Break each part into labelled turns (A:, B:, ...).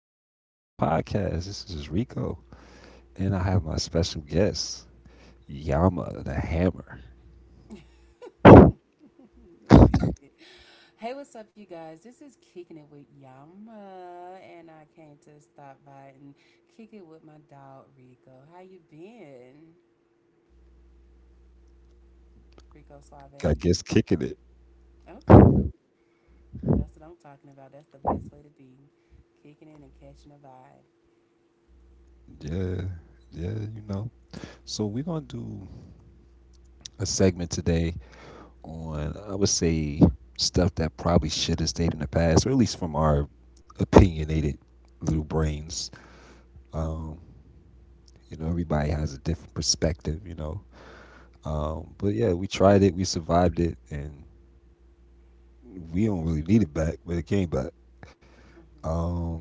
A: Back on another podcast. This is Rico, and I have my special guest, Yama the Hammer. I
B: You idiot. Hey, what's up, you guys? This is Kicking It With Yama, and I came to stop by and kick it with my dog, Rico. How you been, Rico Suave?
A: guess kicking it.
B: Okay, cool. That's what I'm talking about. That's the best way to be. Kicking it and catching a vibe.
A: Yeah, yeah, So we're gonna do a segment today on, I would say, stuff that probably should have stayed in the past, or at least from our opinionated little brains. Um, Everybody has a different perspective,
B: Mm-hmm.
A: But yeah, we tried it, we survived it, and we don't really need it back, but it came back.
B: Mm-hmm.
A: Um,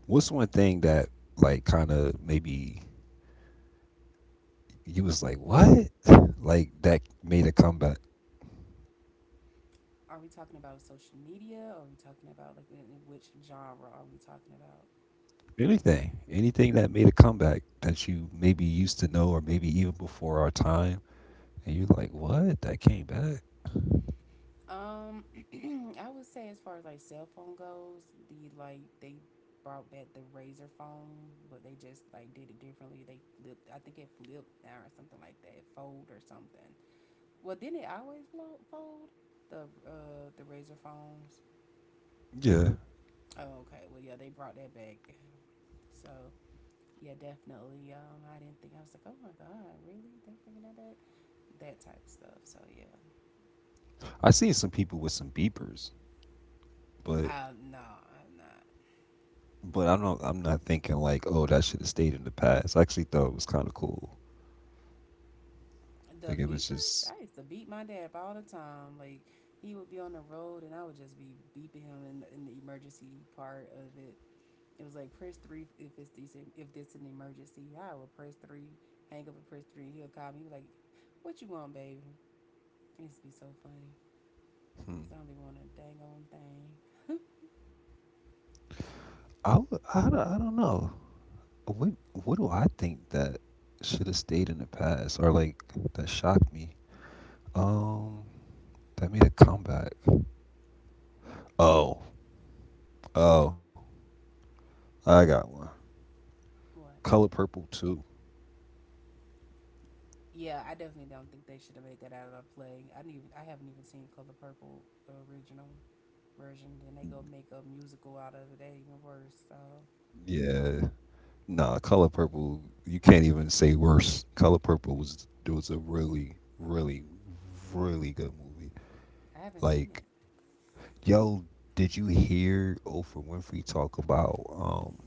A: what's one thing that like kind of maybe you was like what, like that made a comeback?
B: Are we talking about social media? Or are we talking about, like, which genre are we talking about?
A: Anything, anything that made a comeback that you maybe used to know or maybe even before our time, and you're like, what, that came back?
B: Um, I would say as far as like cell phone goes, they brought back the razor phone, but they just like did it differently. They flipped. I think it flipped now or something like that. It Fold or something. Well, didn't it always fold the razor phones?
A: Yeah,
B: Oh, okay. Well, yeah, they brought that back. So yeah, definitely. I didn't think I was like, oh my god, really? They bringing that back? That type of stuff. So yeah.
A: I seen some people with some beepers, but
B: No, I'm not.
A: I'm not thinking like, oh, that should have stayed in the past. I actually thought it was kind of cool.
B: The
A: Like it was
B: beepers, I
A: just,
B: used to beat my dad up all the time. Like he would be on the road, and I would just be beeping him in the emergency part of it. It was like press three if it's decent, if this an emergency. I would press three, hang up and press three. He'll call me he be like, "What you want, baby?" It used to be so funny because
A: hmm.
B: I don't be wanting a dang on thing.
A: I don't know. What what do I think that should have stayed in the past or like that shocked me? Um, that made a comeback. Oh, oh, I got one.
B: What?
A: Color Purple Too.
B: Yeah, I definitely don't think they should have made that out of a play. I haven't even seen Color Purple original version. Then they go make a musical out of it. They even worse. So
A: Yeah. Nah, Color Purple, you can't even say worse. Color Purple was a really, really, really good movie.
B: I haven't seen it.
A: Like, yo, did you hear Oprah Winfrey talk about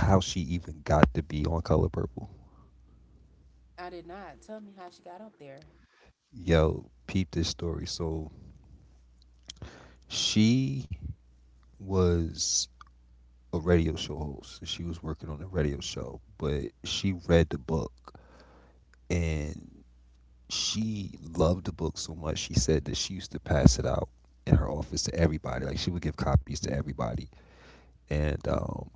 A: how she even got to be on Color Purple?
B: I did not. Tell me how she got up there.
A: Yo, peep this story. So she was a radio show host. She was working on a radio show, but she read the book and she loved the book so much. She said that she used to pass it out in her office to everybody. Like she would give copies to everybody, and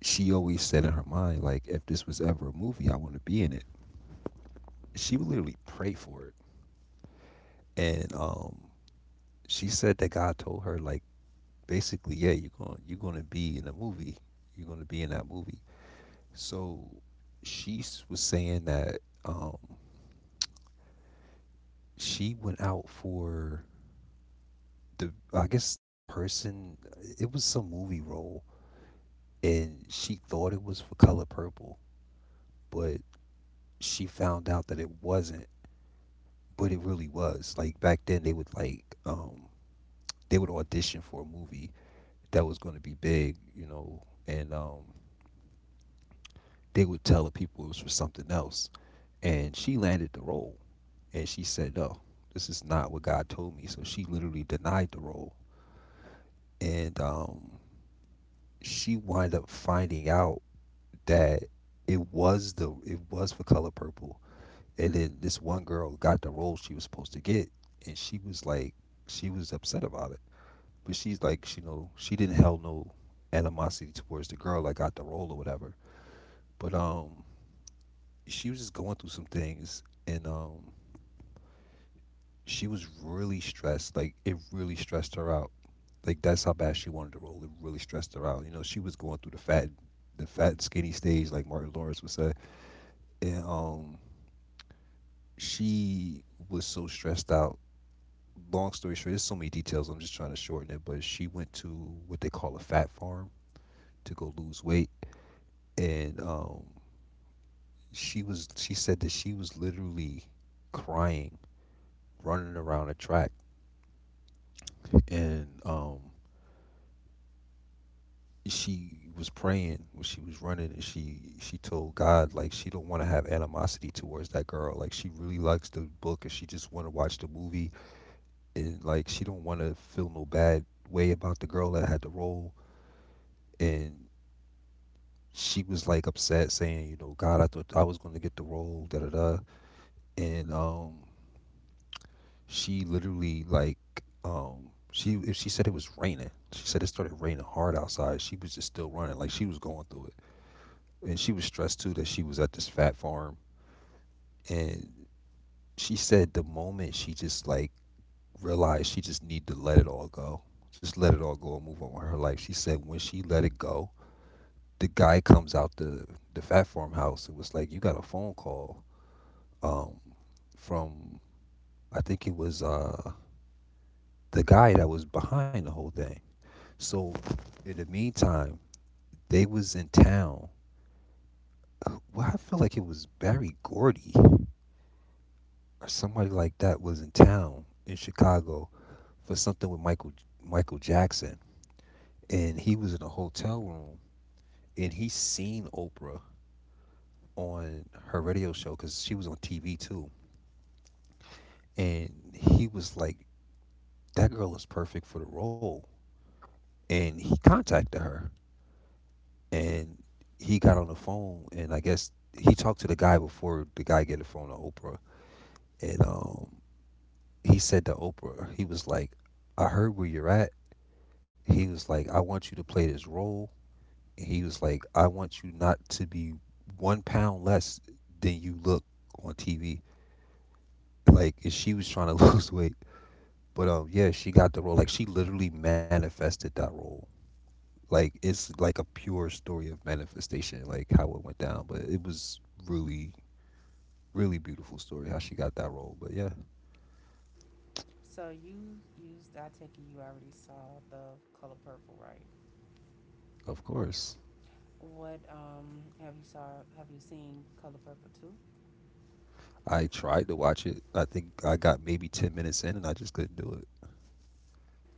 A: she always said in her mind, like, if this was ever a movie, I want to be in it. She would literally pray for it, and she said that God told her, like, basically, yeah, you're going to be in a movie. You're going to be in that movie. So was saying that um, she went out for the, I guess the person, it was some movie role, and she thought it was for Color Purple, but she found out that it wasn't, but it really was. Like back then, they would like, they would audition for a movie that was going to be big, you know, and they would tell the people it was for something else, and she landed the role and she said no, this is not what God told me, so she literally denied the role, and she wind up finding out that it was for Color Purple. And then this one girl got the role she was supposed to get, and she was like, she was upset about it, but she's like, you know, she didn't held no animosity towards the girl that got the role or whatever. But she was just going through some things, and she was really stressed. Like it really stressed her out. Like that's how bad she wanted to roll. It really stressed her out. You know, she was going through the fat and skinny stage, like Martin Lawrence would say. And she was so stressed out. Long story short, there's so many details. I'm just trying to shorten it. But she went to what they call a fat farm to go lose weight, and she was. She said that she was literally crying, running around a track, and she was praying when she was running, and she told God like she don't want to have animosity towards that girl, like she really likes the book and she just want to watch the movie, and like she don't want to feel no bad way about the girl that had the role. And she was like upset saying, you know, God, I thought I was going to get the role, da da da. And she literally like, she if she said it was raining, she said it started raining hard outside. She was just still running, like she was going through it, and she was stressed too that she was at this fat farm. And she said the moment she just like realized she just need to let it all go, just let it all go and move on with her life, she said when she let it go, the guy comes out the fat farmhouse, it was like, you got a phone call um from, I think it was the guy that was behind the whole thing. So in the meantime, they was in town. Well, I feel like it was Barry Gordy or somebody like that was in town in Chicago for something with Michael Jackson, and he was in a hotel room, and he seen Oprah on her radio show because she was on TV too, and he was like, "That girl is perfect for the role," and he contacted her, and he got on the phone, and I guess he talked to the guy before the guy get the phone to Oprah, and he said to Oprah, he was like, "I heard where you're at." He was like, "I want you to play this role." He was like, I want you not to be 1 pound less than you look on TV. Like, and she was trying to lose weight. But yeah, she got the role. Like, she literally manifested that role. Like, it's like a pure story of manifestation, like how it went down. But it was really, really beautiful story how she got that role. But yeah,
B: So you used. I take it you already saw the color purple, right?
A: of course.
B: What have you saw? Have you seen color purple too?
A: I tried to watch it. I think I got maybe 10 minutes in and I just couldn't do it.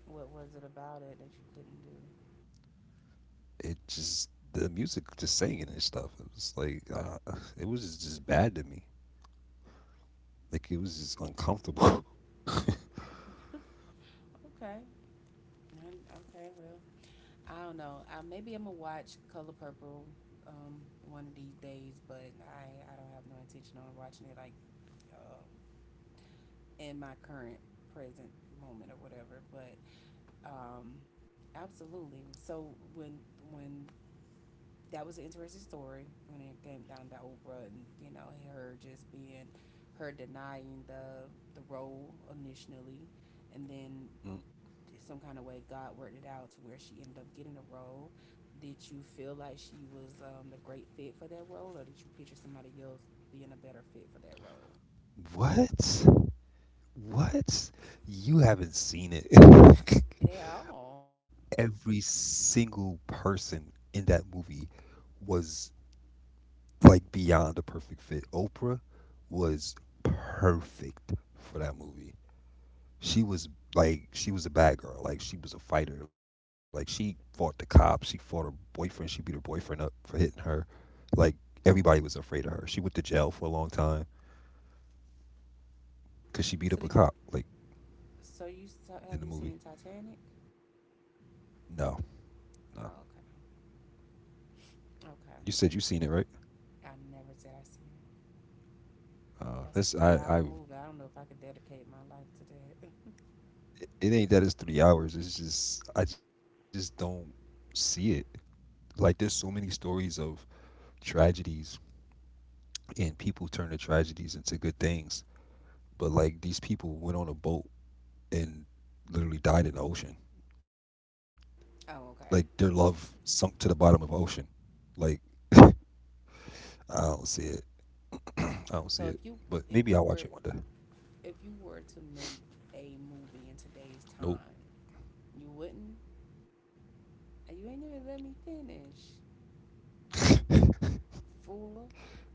B: What was it about it that you couldn't do?
A: It just the music just singing and stuff it was like it was just bad to me. Like it was just uncomfortable.
B: Okay. Okay. Well, I don't know. Maybe I'm gonna watch color purple um one of these days, but I don't have no intention on watching it like um in my current present moment or whatever. But Um, absolutely. So when that was an interesting story when it came down to Oprah and you know her just being her denying the role initially, and then
A: Mm.
B: some kind of way God worked it out to where she ended up getting the role. Did you feel like she was a great fit for that role, or did you picture somebody else being a better fit for that role?
A: what what, you haven't seen it?
B: At all.
A: Every single person in that movie was like beyond the perfect fit. Oprah was perfect for that movie. She was Like she was a bad girl. Like she was a fighter. Like she fought the cops. She fought her boyfriend. She beat her boyfriend up for hitting her. Like everybody was afraid of her. She went to jail for a long time
B: So
A: because she
B: did you?
A: beat up a cop. Like
B: So you have you seen
A: in the movie.
B: Titanic?
A: No, no.
B: Oh, okay.
A: You
B: Okay.
A: said you seen it, right?
B: I never said I seen it. That's a
A: That's
B: three
A: I.
B: hour
A: I.
B: movie. I don't know if I could dedicate my life to that.
A: It ain't that it's 3 hours. It's just I just don't see it. Like there's so many stories of tragedies and people turn their tragedies into good things. But like these people went on a boat and literally died in the ocean.
B: Oh,
A: Like
B: okay.
A: their love sunk to the bottom of the ocean. Like I don't see it. I don't
B: So
A: see
B: if
A: it.
B: you
A: But
B: if you
A: maybe I'll
B: were
A: watch it one day.
B: if you were to make a movie in today's time,
A: Nope.
B: you wouldn't you ain't even let me finish. Fooler.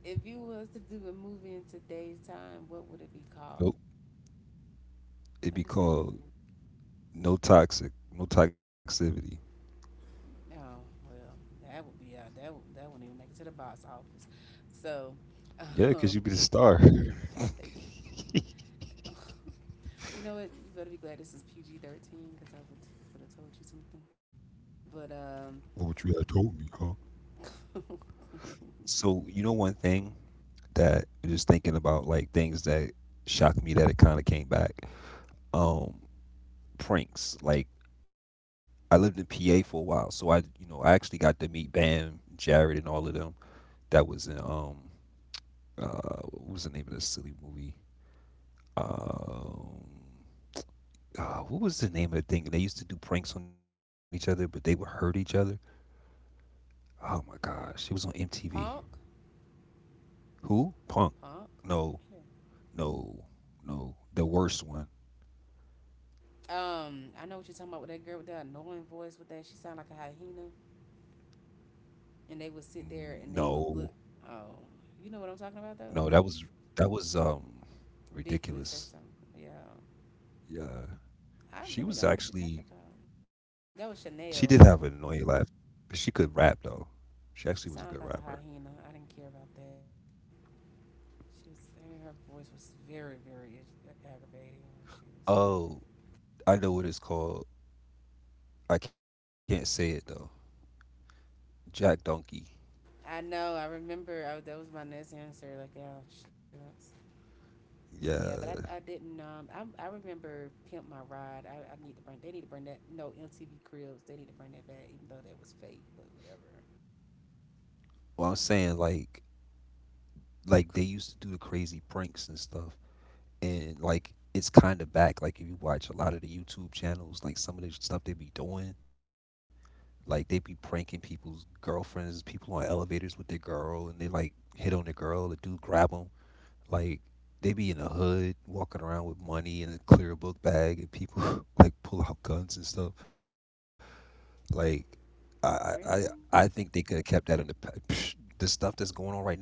B: If you was to do a movie in today's time, what would it be called?
A: Nope.
B: Let me
A: It'd be
B: say no
A: called No Toxic. No Toxicity.
B: no. Oh well, that would be that that wouldn't even make it to the box office. So,
A: Yeah,
B: um,
A: because you'd be the star.
B: you know what? You better be glad this is PG 13 because would have told you something. But,
A: What would you have told me, huh? So you know one thing that just thinking about like things that shocked me that it kind of came back. Um, Pranks like, I lived in PA for a while, so I, you know, I actually got to meet Bam, Jared, and all of them. That was in what was the name of the silly movie? Um, what was the name of the thing? And they used to do pranks on each other, but they would hurt each other. Oh my gosh, it was on
B: Punk,
A: MTV. Who? Punk.
B: Punk. Yeah.
A: No, no, no. The worst one.
B: I know what you're talking about with that girl with that annoying voice with that. She sounded like a hyena. And they would sit there and
A: Mm,
B: they would look.
A: no,
B: Oh, you know what I'm talking about though?
A: no. That was
B: Ridiculous or something.
A: ridiculous.
B: Yeah.
A: Yeah,
B: I really don't know what you're
A: she
B: talking
A: was
B: about.
A: actually,
B: That was
A: she
B: Chanel.
A: did have an annoying laugh. But she could rap though. She
B: She
A: actually was a
B: sounded
A: good
B: like a
A: rapper.
B: hyena. I didn't care about that. She was her voice was very aggravating when she was laughing.
A: Oh, I know what it's called. I can't say it though. Jack Donkey.
B: I know. I remember. That was my next answer. Like, yeah, shucks. Yeah, but I
A: Yeah.
B: didn't. I remember pimp my ride. I need to bring. They need to bring that. No MTV Cribs. They need to bring that back, even though that was fake. But whatever.
A: Well, I'm saying like, they used to do the crazy pranks and stuff, and like it's kind of back. Like if you watch a lot of the YouTube channels, like some of the stuff they be doing, like they be pranking people's girlfriends, people on elevators with their girl, and they like hit on their girl. The dude grab them. Like they be in the hood walking around with money in a clear book bag, and people like pull out guns and stuff. Like I I I I think
B: Really?
A: they could have kept that in the pa- psh, the stuff that's going on right now. Like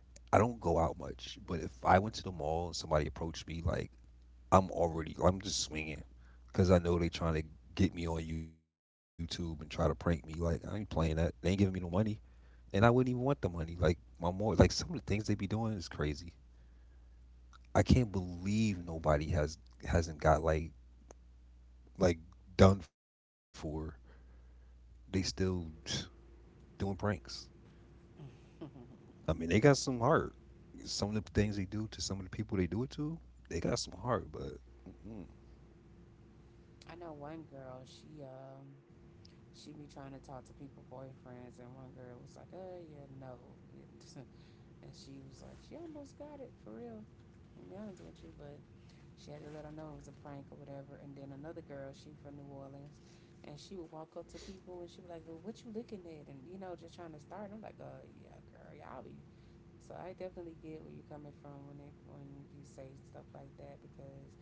A: I don't go out much, but if I went to the mall and somebody approached me, like I'm just swinging because I know they trying to get me on YouTube and try to prank me. Like I ain't playing that. They ain't giving me no money, and I wouldn't even want the money. Like my more like some of the things they be doing is crazy. I can't believe nobody has hasn't got like done for. They still doing pranks. I mean, they got some heart. Some of the things they do to some of the people they do it to, they got some heart. But mm-mm,
B: I know one girl. She be trying to talk to people boyfriends, and one girl was like, "Oh yeah, no." And she was like, she almost got it for real. I'm honest with you, but she had to let her know it was a prank or whatever. And then another girl, she from New Orleans, and she would walk up to people and she would like, well, what you looking at? And you know, just trying to start. And I'm like, yeah, girl, y'all be. So I definitely get where you're coming from when it when you say stuff like that because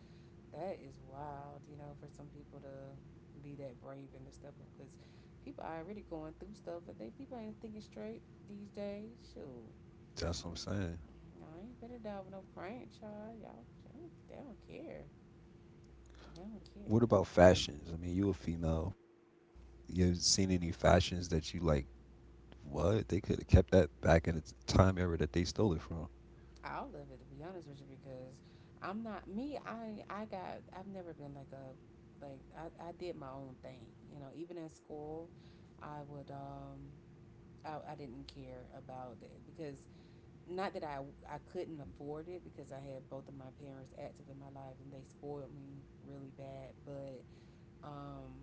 B: that is wild, you know, for some people to be that brave and to step up because people are already going through stuff and they people ain't thinking straight these days. Shoot,
A: that's what I'm saying.
B: I ain't gonna die with no prank, y'all. Y'all, they don't care. They don't
A: What
B: care.
A: about fashions? I mean, you a female. You seen any fashions that you like? What they could have kept that back in the time era that they stole it from.
B: I'll live it to be honest with you because I'm not me. I got. I've never been like a like I did my own thing. You know, even in school, I would I didn't care about it because not that I couldn't afford it because I had both of my parents active in my life and they spoiled me really bad, but um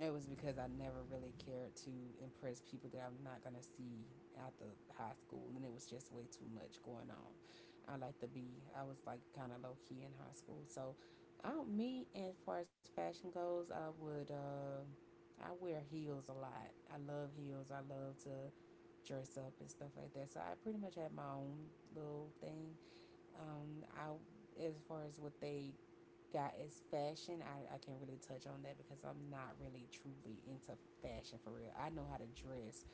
B: it was because I never really cared to impress people that I'm not gonna see after high school, and it was just way too much going on. I like to be. I was like kind of low key in high school, so I don't. Me as far as fashion goes, I would. I wear heels a lot. I love heels. I love to dress up and stuff like that. So I pretty much had my own little thing. I as far as what they got is fashion. I can't really touch on that because I'm not really truly into fashion for real. I know how to dress,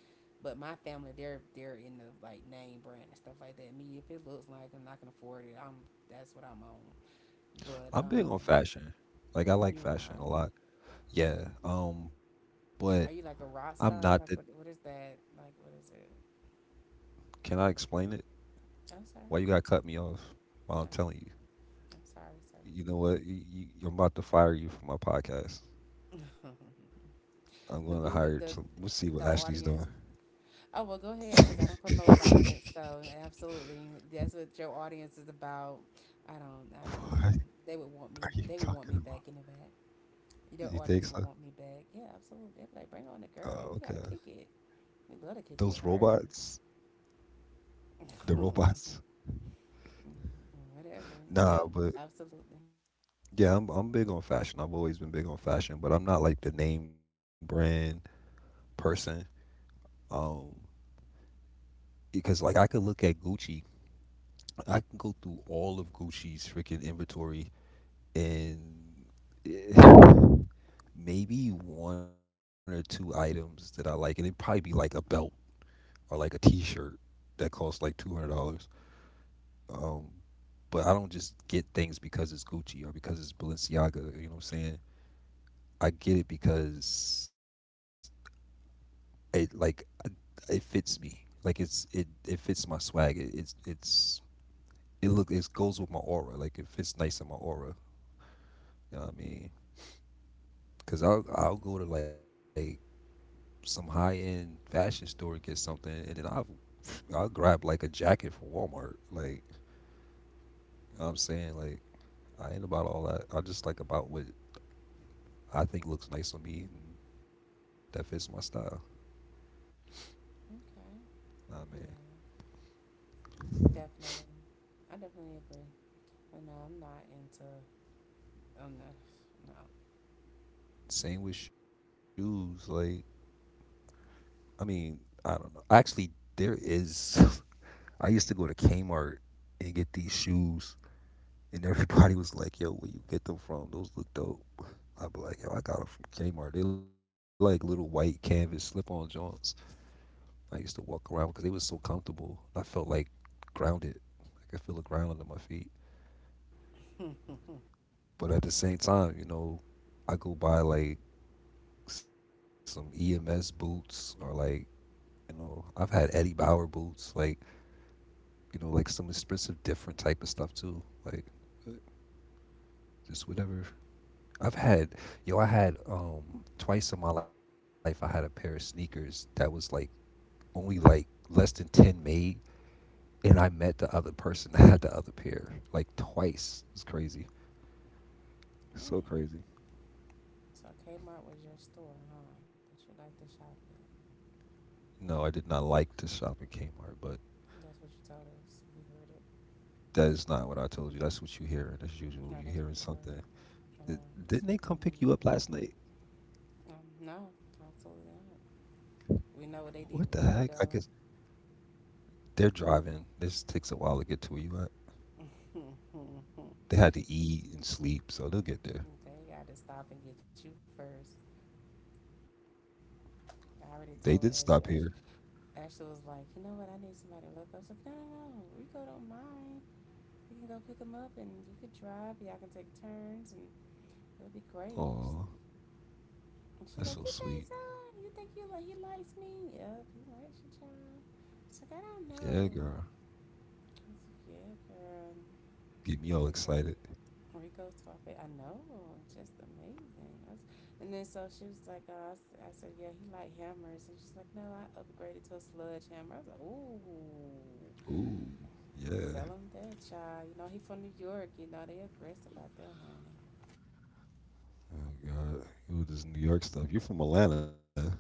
B: but my family they're in the like name brand and stuff like that. Me, if it looks like I'm not gonna afford it, I'm that's what I'm on. But
A: I'm big on fashion. Like I
B: you
A: like fashion a lot. Yeah. But
B: are you like a
A: I'm
B: rock
A: not the
B: star? Like what is that? Like what is it?
A: Can I explain it?
B: I'm sorry.
A: Why you gotta
B: Mm-hmm.
A: cut me off
B: No,
A: while I'm telling you?
B: I'm sorry. Sorry.
A: You know what? I'm about to fire you from my podcast. I'm going to
B: the
A: hire.
B: view
A: Some, we'll see what
B: the
A: Ashley's doing.
B: audience Oh, well, go ahead because I don't promote
A: What
B: violence. So, absolutely, that's what your audience is about. I don't,
A: are
B: they would want
A: you
B: they would want
A: talking
B: me
A: about?
B: back in the back. Your
A: You think
B: audience would
A: so?
B: want me back. Yeah, absolutely. They'd be like, bring
A: Oh,
B: on the
A: okay.
B: girl. We got to kick it. We love
A: Those
B: to kick it with her.
A: robots, the robots.
B: Whatever.
A: Nah,
B: Yep,
A: but
B: absolutely.
A: yeah, I'm big on fashion. I've always been big on fashion, but I'm not like the name brand person. Um, because like I could look at Gucci, I can go through all of Gucci's freaking inventory and eh, maybe one or two items that I like, and it'd probably be like a belt or like a T-shirt that costs like $200. Um, but I don't just get things because it's Gucci or because it's Balenciaga. You know what I'm saying? I get it because it like it fits me. Like it it fits my swag. It's it look it goes with my aura. Like it fits nice in my aura. You know what I mean? Cause I'll go to like some high end fashion store and get something, and then I'll grab like a jacket from Walmart. Like you know what I'm saying, like I ain't about all that. I just like about what I think looks nice on me and that fits my style.
B: Okay. Yeah,
A: Nah, man.
B: definitely. I definitely agree. But I'm not,
A: Same with shoes. Like I mean, I don't know. Actually, there is. I used to go to Kmart and get these shoes, and everybody was like, "Yo, where you get them from? Those look dope." I'd be like, "Yo, I got them from Kmart. They like little white canvas slip-on joints." I used to walk around because they was so comfortable. I felt like grounded. Like, I could feel the ground under my feet.
B: no.
A: But at the same time, you know, I go buy like some EMS boots or like, you know, I've had Eddie Bauer boots, like, you know, like some expensive different type of stuff too. Like uh, just whatever. I've had yo, I had twice in my life I had a pair of sneakers that was like only like less than 10 made and I met the other person that had the other pair like twice. It was crazy.
B: Mm.
A: So crazy.
B: So Kmart was your store, huh? That you like to shop at.
A: No, I did not like to shop at Kmart, but
B: That's what you told us. We heard it.
A: that is not what I told you. That's what you hear
B: No,
A: as
B: that's what
A: usual.
B: we
A: You're
B: heard.
A: hearing something.
B: No, No. That's
A: Th-
B: what we meant.
A: Didn't they come pick you up last night?
B: No, absolutely not. We know what they
A: What
B: did
A: the
B: with you,
A: heck? I
B: though.
A: guess they're driving. This takes a while to get to where you at. They had to eat and sleep, so they'll get there.
B: They got to stop and get you first. I already
A: They
B: told
A: did
B: Ash.
A: stop here.
B: Ashley was like, you know what? I need somebody to look. I was like, no. We go to mine. We can go pick them up, and you could drive. Y'all can take turns, and it'll be great. She's
A: Oh,
B: And she's like, you
A: that's so
B: think so?
A: sweet.
B: You think you like he likes me? Yep, he likes you, child. She's like, I don't know.
A: Yeah, girl.
B: I was like, yeah, girl.
A: Get me
B: Rico,
A: all excited.
B: Rico's Suave, I know, just amazing. And then so she was like, I said, yeah, he like hammers, and she's like, no, I upgraded to a sludge hammer. I was like, ooh,
A: Ooh,
B: I could
A: yeah.
B: sell him that, child. You know, he from New York. You know, they aggressive out there,
A: Oh God, who this New York stuff? You from Atlanta?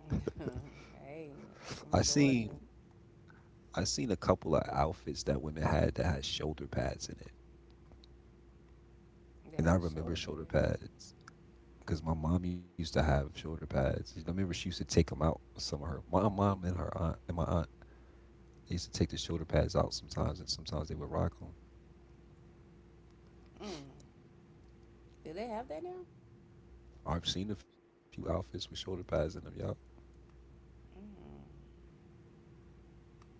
B: honey. Hey,
A: I
B: from
A: seen
B: Georgia,
A: I seen a couple of outfits that women had that had shoulder pads in it,
B: they
A: and I
B: had shoulder
A: remember shoulder
B: pad.
A: pads because my mom used to have shoulder pads. I remember she used to take them out. Some of her my mom and her aunt and my aunt they used to take the shoulder pads out sometimes, and sometimes they would rock them.
B: Mm. Do they have that now?
A: I've seen a few outfits with shoulder pads in them, y'all.
B: Mm,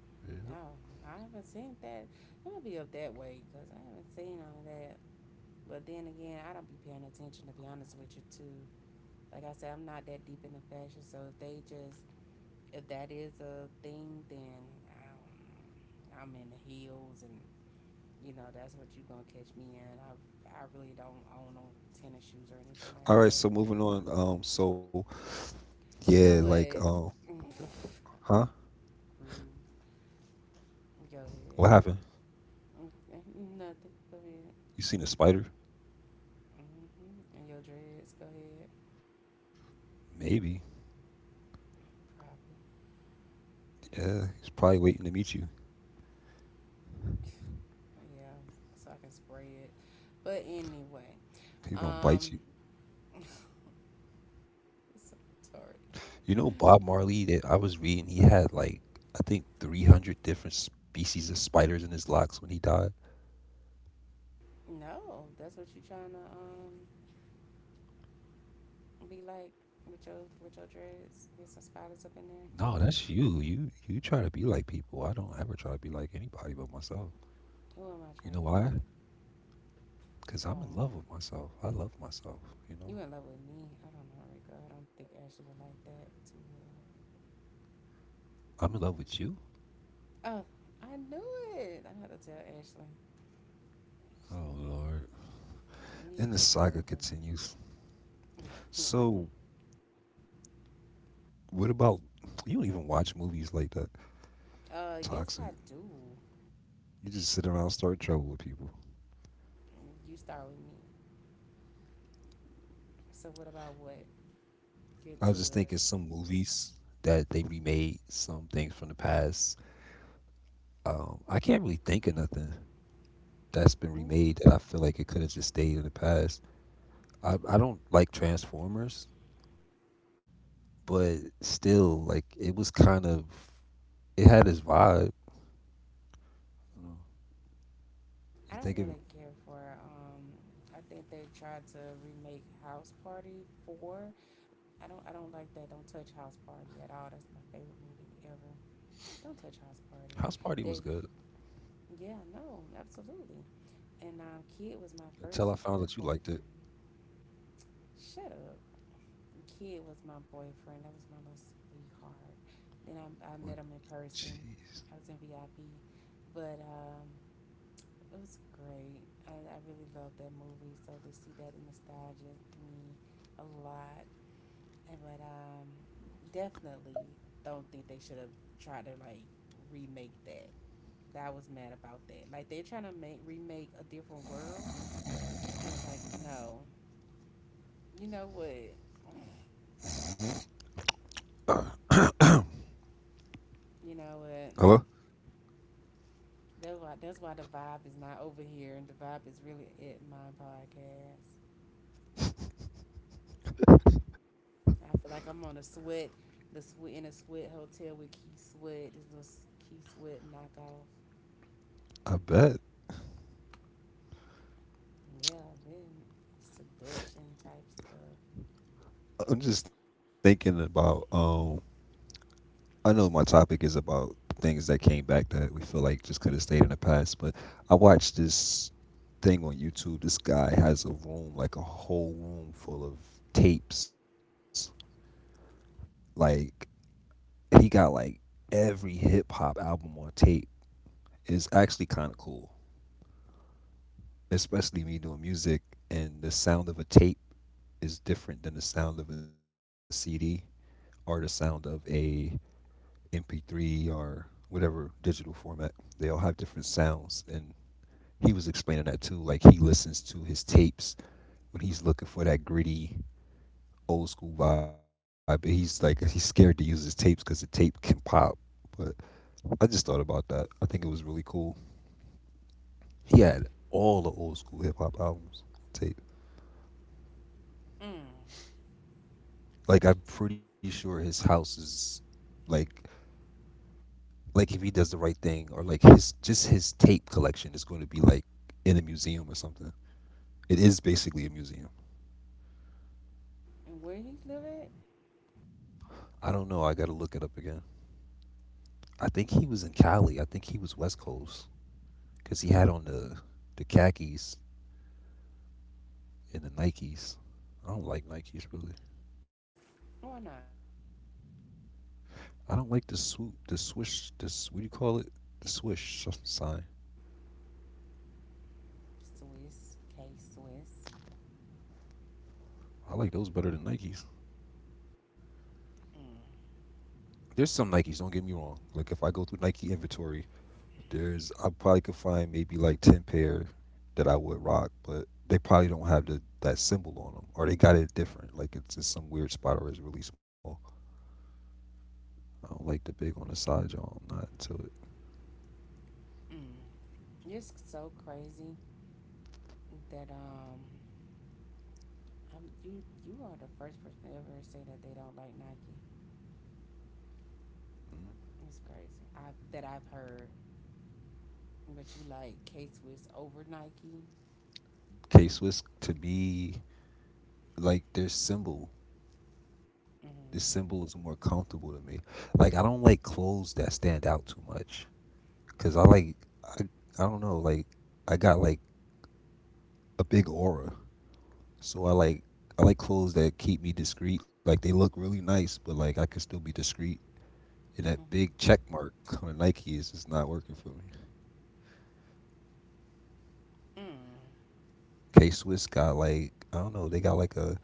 A: Yeah.
B: no, I haven't seen that. I'm gonna be up that way because I haven't seen all of that. But then again, I don't be paying attention to be honest with you too. Like I said, I'm not that deep into fashion, so if they just if that is a thing, then I don't- I'm in the heels and you know that's what you gonna catch me in. I really don't own no tennis shoes or anything like
A: All right,
B: that.
A: so
B: So.
A: moving on.
B: You know
A: Yeah,
B: what?
A: like huh?
B: Rude. Go ahead.
A: What happened?
B: Okay, nothing. Go ahead.
A: You seen a spider?
B: Hmm. And your dreads. Go ahead.
A: Maybe.
B: Probably.
A: Yeah, he's probably waiting to meet you.
B: Yeah. So I can spray it. But anyway,
A: He's
B: um,
A: gonna bite you.
B: it's so retarded.
A: You know, Bob Marley that I was reading, he had like I think 300 different species of spiders in his locks when he died.
B: No, that's what you trying to be like with your dreads. Get some spiders up in there.
A: No, that's you. You try to be like people. I don't ever try to be like anybody but myself.
B: Who am I trying
A: You
B: to be
A: know
B: like?
A: why? Cause
B: Why?
A: I'm in love with myself. I love myself.
B: You
A: You
B: in
A: know,
B: love with me? I don't know, Rico. I don't think Ashley would like that too well.
A: I'm in love with you.
B: Oh, I knew it. I had to tell Ashley.
A: Oh
B: Ashley,
A: Lord.
B: you
A: And the
B: need to
A: saga
B: control them.
A: continues. So, what about you? Don't even watch movies like that.
B: Uh,
A: Toxic.
B: yes, I do.
A: You just sit around and start trouble with people.
B: You start with me. So, what about what?
A: I was just
B: Get to
A: thinking
B: it.
A: some movies that they remade, some things from the past. I can't really think of nothing that's been
B: You,
A: remade that I feel like it could have just stayed in the past. I don't like Transformers, but still, like it was kind of it had its vibe. You, know? You
B: I
A: think
B: don't
A: of it,
B: really care for. I think they tried to remake House Party Four. I don't. I don't like that. Don't touch House Party at all. That's my favorite movie ever. Don't touch House
A: House Party
B: Party.
A: was good
B: They, yeah, no, absolutely. And Kid was my
A: until I found
B: first
A: out you liked it.
B: boyfriend. Shut up. Kid was my boyfriend. That was my little sweetheart. Then
A: Like,
B: I met him in person.
A: jeez.
B: I was in VIP, but it was great. I really loved that movie. So to see that nostalgia me a lot. But definitely don't think they should have tried to like remake that. That I was mad about that. Like they're trying to make remake a different world, and I'm like, no. You know what? You know what?
A: Hello.
B: That's why the vibe is not over here, and the vibe is really at my podcast. I feel like I'm on a sweat, the sweat in a sweat hotel with Key Sweat. This Key Sweat knockoff.
A: I bet.
B: Yeah, then seduction type stuff.
A: I'm just thinking about I know my topic is about things that came back that we feel like just could have stayed in the past, but I watched this thing on YouTube. This guy has a room, like a whole room full of tapes. Like he got like every hip hop album on tape. It's actually kind of cool, especially me doing music and the sound of a tape is different than the sound of a CD or the sound of a MP3 or whatever digital format. They all have different sounds. And he was explaining that too. Like he listens to his tapes when he's looking for that gritty old school vibe. And he's like, he's scared to use his tapes because the tape can pop. But I just thought about that. I think it was really cool. He had all the old school hip hop albums on tape.
B: Mm.
A: Like I'm pretty sure his house is like like if he does the right thing or like his just his tape collection is going to be like in a museum or something. It is basically a museum.
B: And where he live at?
A: I don't know. I got to look it up again. I think he was in Cali. I think he was West Coast because he had on the khakis and the Nikes. I don't like Nikes really.
B: Why not?
A: I don't like the swoop, the swish, this what do you call it? The sign.
B: Swiss, K Swiss.
A: I like those better than Nikes.
B: Mm.
A: There's some Nikes. Don't get me wrong. Like if I go through Nike inventory There's I probably could find maybe like ten pair that I would rock, but they probably don't have the that symbol on them, or they got it different. Like it's in some weird spot, or it's really small. I don't like the big on the side, y'all. I'm not into it.
B: Mm. It's so crazy that you are the first person to ever say that they don't like Nike. It's crazy. I that I've heard, but you like K Swiss over Nike.
A: K Swiss to me, like their symbol. This
B: Mm.
A: symbol is more comfortable to me. Like I don't like clothes that stand out too much, cause I like I I don't know like I got like a big aura So I like clothes that keep me discreet. Like they look really nice, but like I could still be discreet. And that
B: Mm.
A: big check mark on a Nike is just not working for me.
B: Mm.
A: K Swiss got like I don't know. They got like a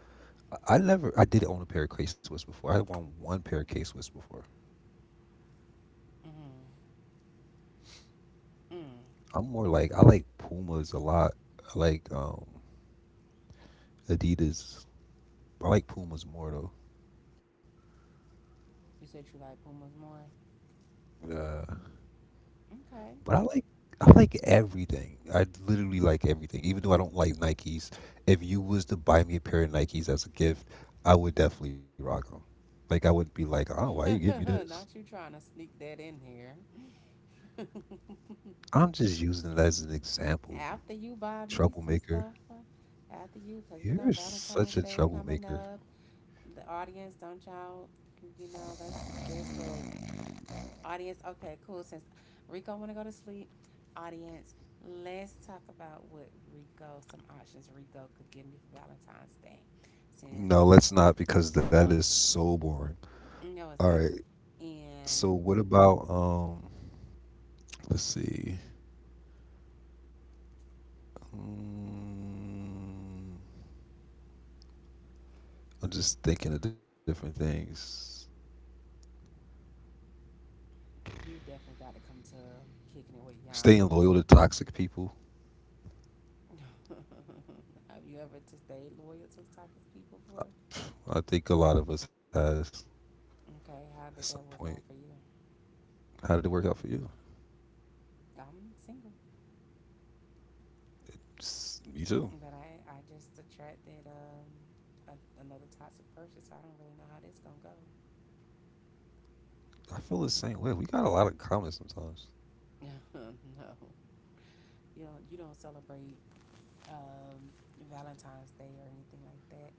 A: I never I did own a pair of K Swiss before. I won one pair of K Swiss before.
B: Mm. Mm.
A: I'm more like I like Pumas a lot. I like Adidas. I like Pumas more though.
B: You said you like Pumas more.
A: Yeah. But I like everything. I literally like everything. Even though I don't like Nikes, if you was to buy me a pair of Nikes as a gift, I would definitely rock them. Like I wouldn't be like, "Oh, why you give me this?"
B: Okay. Not you trying to sneak that in here.
A: I'm just using it as an example.
B: After you buy me some
A: Troublemaker.
B: stuff. After you, cause you know
A: You're
B: Valentine's
A: such a
B: Day coming
A: troublemaker.
B: up. The audience, don't y'all? You know, let's guess what. Audience, okay, cool. Since Rico want to go to sleep, audience, let's talk about what Rico, some options Rico could give me for Valentine's Day. Since,
A: No, let's not because that is so boring.
B: no, it's
A: All
B: not.
A: right.
B: And
A: So what about let's see. Mm, I'm just thinking of different things.
B: you definitely got to come to Kicking It With
A: Staying
B: Yama.
A: loyal to toxic people.
B: Have you ever to stayed loyal to Takis people for?
A: I think a lot of us has
B: Okay, how
A: at
B: did
A: some
B: that work
A: point.
B: out for you?
A: How did it work out for you?
B: I'm single,
A: It's, me
B: but
A: too.
B: I just attracted a, another toxic person, so I don't really know how this gonna
A: I feel the same way. We got a lot of comments sometimes.
B: go. No, you don't celebrate um, Valentine's Day or anything like that.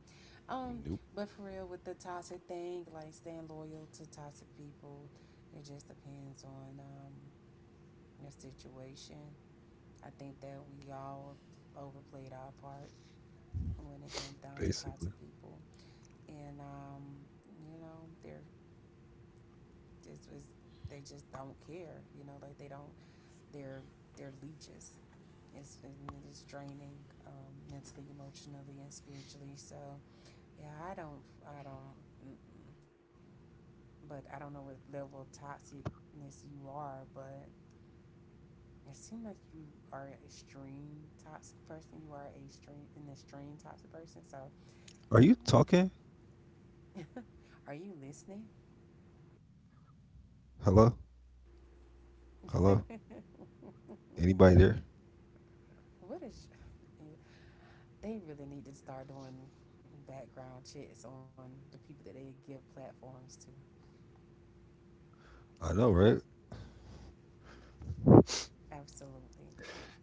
B: Um,
A: Nope.
B: but for real, with the toxic thing, like staying loyal to toxic people, it just depends on your situation. I think that we all overplayed our part when it came down to
A: Basically.
B: toxic people, and you know, they're just was they just don't care. You know, like they don't. They're they're leeches. It's and it is draining mentally, emotionally, and spiritually. So, yeah, I don't. Mm-mm. But I don't know what level of toxicness you are, but it seems like you are an extreme toxic person. You are a extreme an extreme toxic person. So
A: Are
B: I
A: you
B: don't know.
A: talking?
B: Are you listening?
A: Hello? Hello? Anybody there?
B: What is? They really need to start doing background checks on the people that they give platforms to.
A: I know, right?
B: Absolutely.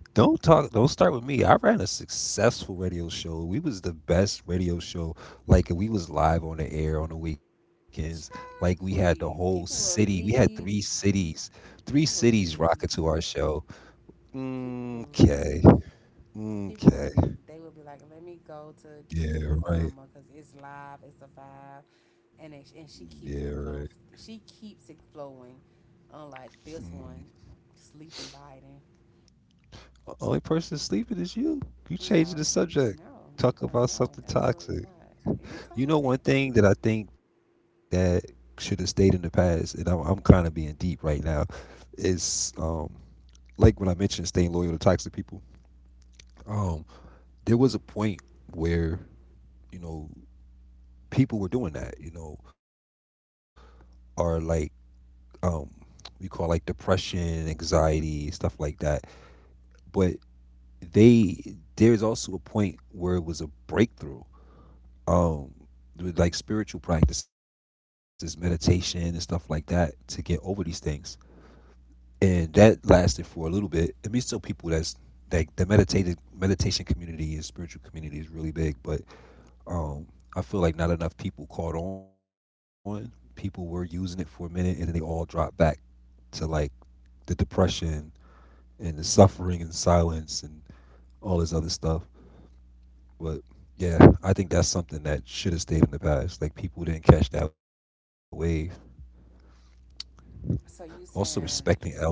A: Don't start with me. I ran a successful radio show. We was the best radio show. Like we was live on the air on the weekends. Like we
B: Child,
A: had the
B: please.
A: whole
B: People will
A: city. We had
B: leave.
A: 3 cities. Three
B: People will
A: cities rocking
B: leave.
A: to our show.
B: People will
A: Mm,
B: leave.
A: okay.
B: People
A: Mm,
B: will leave.
A: okay.
B: They will be like, let me go to Kicking It With
A: Yeah,
B: Yama
A: right.
B: because it's live. It's a vibe. And, it, and she
A: Yeah,
B: keeps
A: right.
B: the flow. She keeps it flowing. Unlike this
A: Mm.
B: one, sleeping, biting.
A: Only person sleeping is you. You changing the
B: No,
A: subject.
B: no,
A: Talk
B: uh,
A: about
B: no,
A: something
B: absolutely
A: toxic.
B: not. You
A: You know
B: toxic.
A: one thing that I think that should have stayed in the past, and I'm kind of being deep right now, is like when I mentioned staying loyal to toxic people. Um, there was a point where you know people were doing that. Or like um what you call like depression, anxiety, stuff like that. But they there's also a point where it was a breakthrough. Um with like spiritual practices, meditation and stuff like that to get over these things. And that lasted for a little bit. I mean still people that's like the meditated meditation community and spiritual community is really big, but um I feel like not enough people caught on. People were using it for a minute and then they all dropped back to like the depression and the suffering and silence and all this other stuff. But yeah, I think that's something that should have stayed in the past. Like people didn't catch that wave. Also
B: So you
A: respecting
B: saying,
A: elders,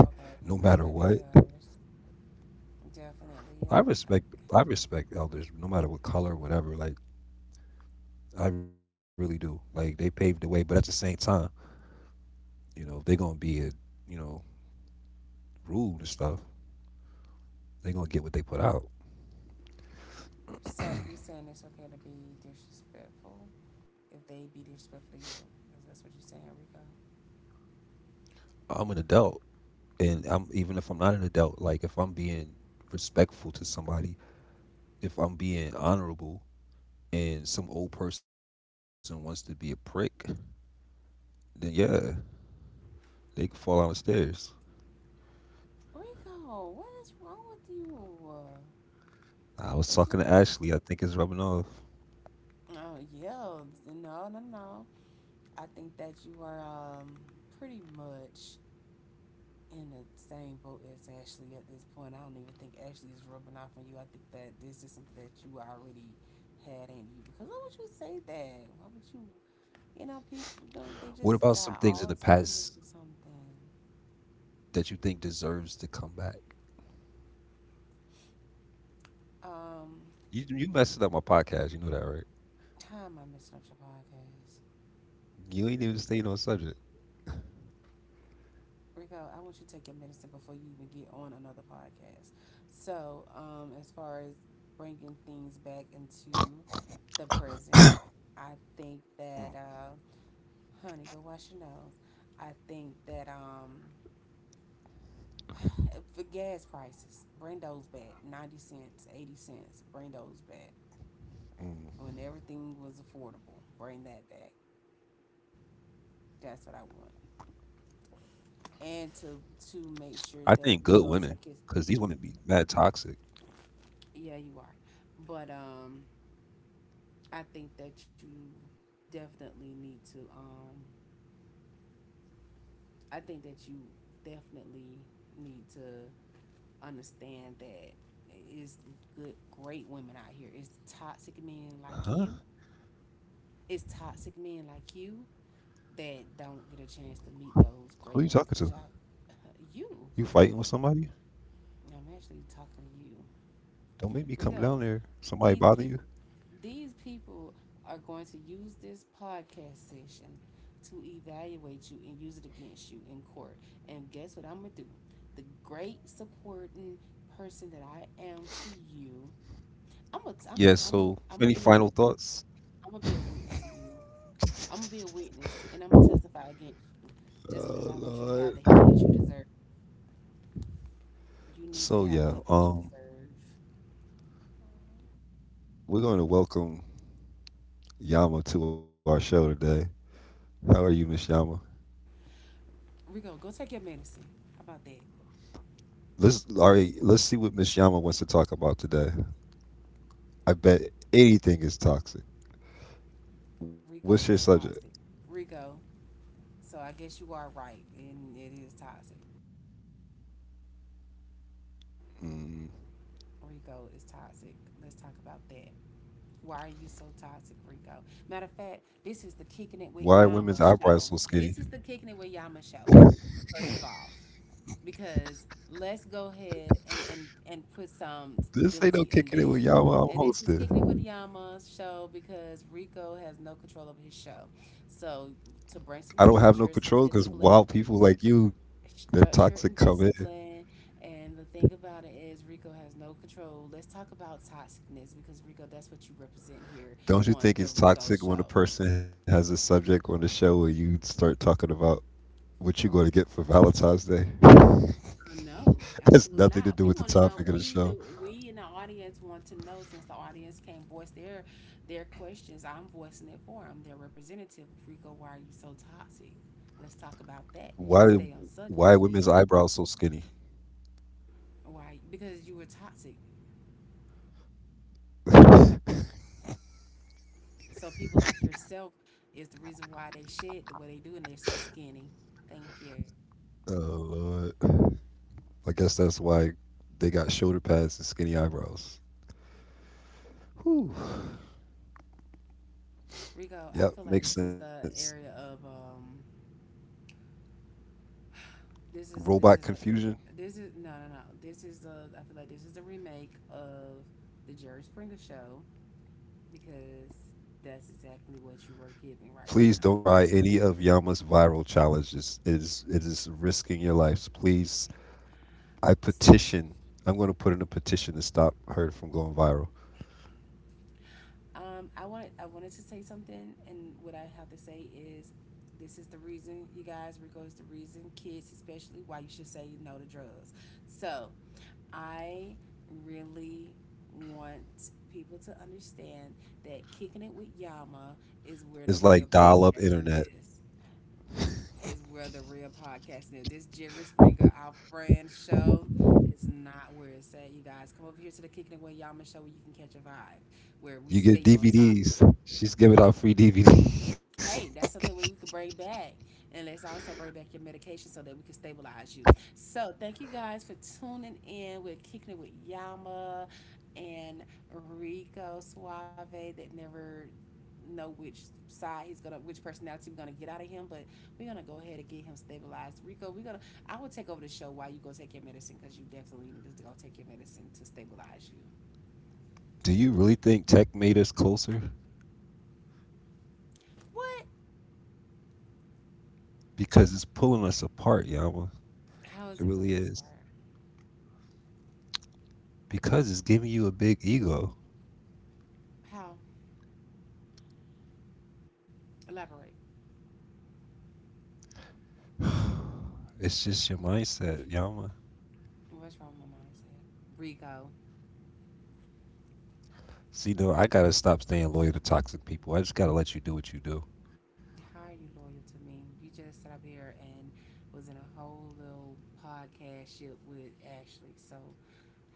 A: no
B: okay,
A: matter what.
B: respected elders.
A: I
B: Definitely, yeah.
A: respect
B: I.
A: I respect elders, no matter what color, whatever. Like I really do. Like they paved the way, but at the same time, if they're gonna be, you know, rude and stuff, they're gonna get what they put out.
B: So you saying it's okay to be disrespectful if they be disrespectful to you? Is that what you're saying, Rico?
A: I'm an adult. And I'm even if I'm not an adult, like if I'm being respectful to somebody, if I'm being honorable, and some old person wants to be a prick, then yeah, they can fall down the stairs.
B: Rico, what is wrong with you?
A: I was
B: That's
A: talking to
B: not.
A: Ashley. I think it's rubbing off.
B: Oh yeah, no, no, no. I think that you are pretty much in the same boat as Ashley at this point. I don't even think Ashley is rubbing off on you. I think that this is something that you already had in you. Because why would you say that? Why would you? You know, people
A: What
B: don't.
A: about
B: They
A: some
B: just
A: things in the
B: got all the
A: past
B: time is something.
A: that you think deserves to come back?
B: Um,
A: You messing up my podcast. You know that, right?
B: how am I messing up your podcast?
A: You ain't even staying on subject.
B: Rico, I want you to take your medicine before you even get on another podcast. So, as far as bringing things back into the present, I think that, honey, go wash your nose. I think that, for gas prices, bring those back. 90 cents, 80 cents, bring those back. When
A: Mm.
B: everything was affordable, bring that back. That's what I want. And
A: I
B: to
A: think
B: make
A: good
B: sure
A: women,
B: that we
A: cause
B: go
A: these
B: take it,
A: women be mad toxic.
B: yeah you are but I think that you definitely need to I think that you definitely need to understand that it's good great women out here. It's toxic men like
A: Huh?
B: you. it's toxic men like you that don't get a chance to meet
A: Who you
B: those
A: talking
B: great
A: to?
B: women because y'all.
A: You
B: You.
A: fighting with somebody?
B: I'm actually talking to you.
A: Don't make me come down
B: Rigo,
A: there. Somebody
B: these
A: bother you?
B: people these people are going to use this podcast session to evaluate you and use it against you in court. And guess what I'm gonna do? The great supporting person that I am to you, I'm a
A: Yeah.
B: I'm a I'm a
A: So,
B: I'm
A: any
B: gonna be a
A: final
B: wit-.
A: thoughts?
B: I'm gonna be a witness to you. I'm gonna be a witness and I'm gonna testify against you just because
A: Oh
B: I want you to have the
A: Lord.
B: help that you deserve. You need to
A: So
B: have the help
A: yeah,
B: that you deserve.
A: we're going to welcome Yama to our show today. How are you, Miss Yama?
B: Rigo, go take your medicine. How about that?
A: Let's All right.
B: Cause
A: Let's see what Miss Yama wants to talk about today. I bet anything is toxic. What's your
B: Rico is
A: subject?
B: toxic. Rico, so I guess you are right, and it is toxic.
A: Mm.
B: Rico is toxic. Let's talk about that. Why are you so toxic, Rico? Matter of fact, this is the Kicking It
A: Why are
B: With
A: women's
B: Yama
A: eyebrows so
B: show.
A: skinny?
B: This is the Kicking It With Yama show, first of all, because let's go ahead and put some
A: This ain't no
B: stability in
A: kicking it
B: this.
A: with Yama. I'm
B: And this is Kicking It With
A: hosting.
B: Yama's show because Rico has no control over his show. So, to bring some
A: I don't have no
B: structure, some
A: control because
B: discipline,
A: wild people like you, that
B: structure and
A: toxic, come in.
B: discipline. And the thing about it is, Rico has no control. Let's talk about toxicness because Rico, that's what you represent here
A: Don't you
B: on the
A: think it's
B: Rico
A: toxic
B: Show.
A: when a person has a subject on the show where you start talking about what you're going to get for Valentine's Day?
B: No,
A: It has
B: absolutely
A: nothing
B: not.
A: to do
B: We
A: with
B: want
A: the
B: to know.
A: topic of the
B: We do.
A: show.
B: We in the audience want to know since the audience can't voice their questions. I'm voicing it for them. Their representative, Rico. Why are you so toxic? Let's talk about that.
A: Why
B: Stay on
A: why are
B: subject,
A: women's
B: please.
A: eyebrows so skinny?
B: Why? Because you were toxic.
A: Oh
B: So people like yourself is the reason why they shed the way they do and they're so skinny. Thank you.
A: Lord. I guess that's why they got shoulder pads and skinny eyebrows. Whew.
B: Rico,
A: Yep,
B: I feel
A: makes
B: like this is
A: sense.
B: the area of this
A: Robot
B: is this is the
A: confusion.
B: e-, this is no no no this is the I feel like this is the remake of the Jerry Springer show because that's exactly what you were giving right
A: Please
B: now.
A: don't try any of Yama's viral challenges. It is risking your lives. Please. I petition. I'm going to put in a petition to stop her from going viral.
B: I wanted to say something, and what I have to say is, this is the reason you guys Rico is the reason kids especially why you should say no to drugs. So I really want people to understand that Kicking It With Yama is where the
A: It's
B: real
A: like dial up
B: podcasting
A: internet.
B: is. Is where the real podcasting is. This Jerry Springer, our friend show, is not where it's at. You guys come over here to the Kicking It With Yama show where you can catch a vibe, where we
A: You give
B: stay on topic.
A: DVDs. She's giving out free DVDs.
B: Hey, that's something we could bring back. And let's also bring back your medication so that we can stabilize you. So thank you guys for tuning in with Kicking It With Yama and Rico Suave that never know which side he's gonna which personality we're gonna get out of him but we're gonna go ahead and get him stabilized. Rico, we're gonna. I will take over the show while you go take your medicine because you definitely need to go take your medicine to stabilize you.
A: Do you really think tech made us closer?
B: What?
A: Because it's pulling us apart, Yama.
B: How
A: It
B: is it
A: really
B: pulling us
A: is.
B: apart?
A: Because it's giving you a big ego.
B: How? Elaborate.
A: It's just your mindset, Yama.
B: What's wrong with my mindset? Rico,
A: See, though, I gotta stop staying loyal to toxic people. I just gotta let you do.
B: how are you loyal to me? You just sat up here and was in a whole little podcast ship with Ashley. So,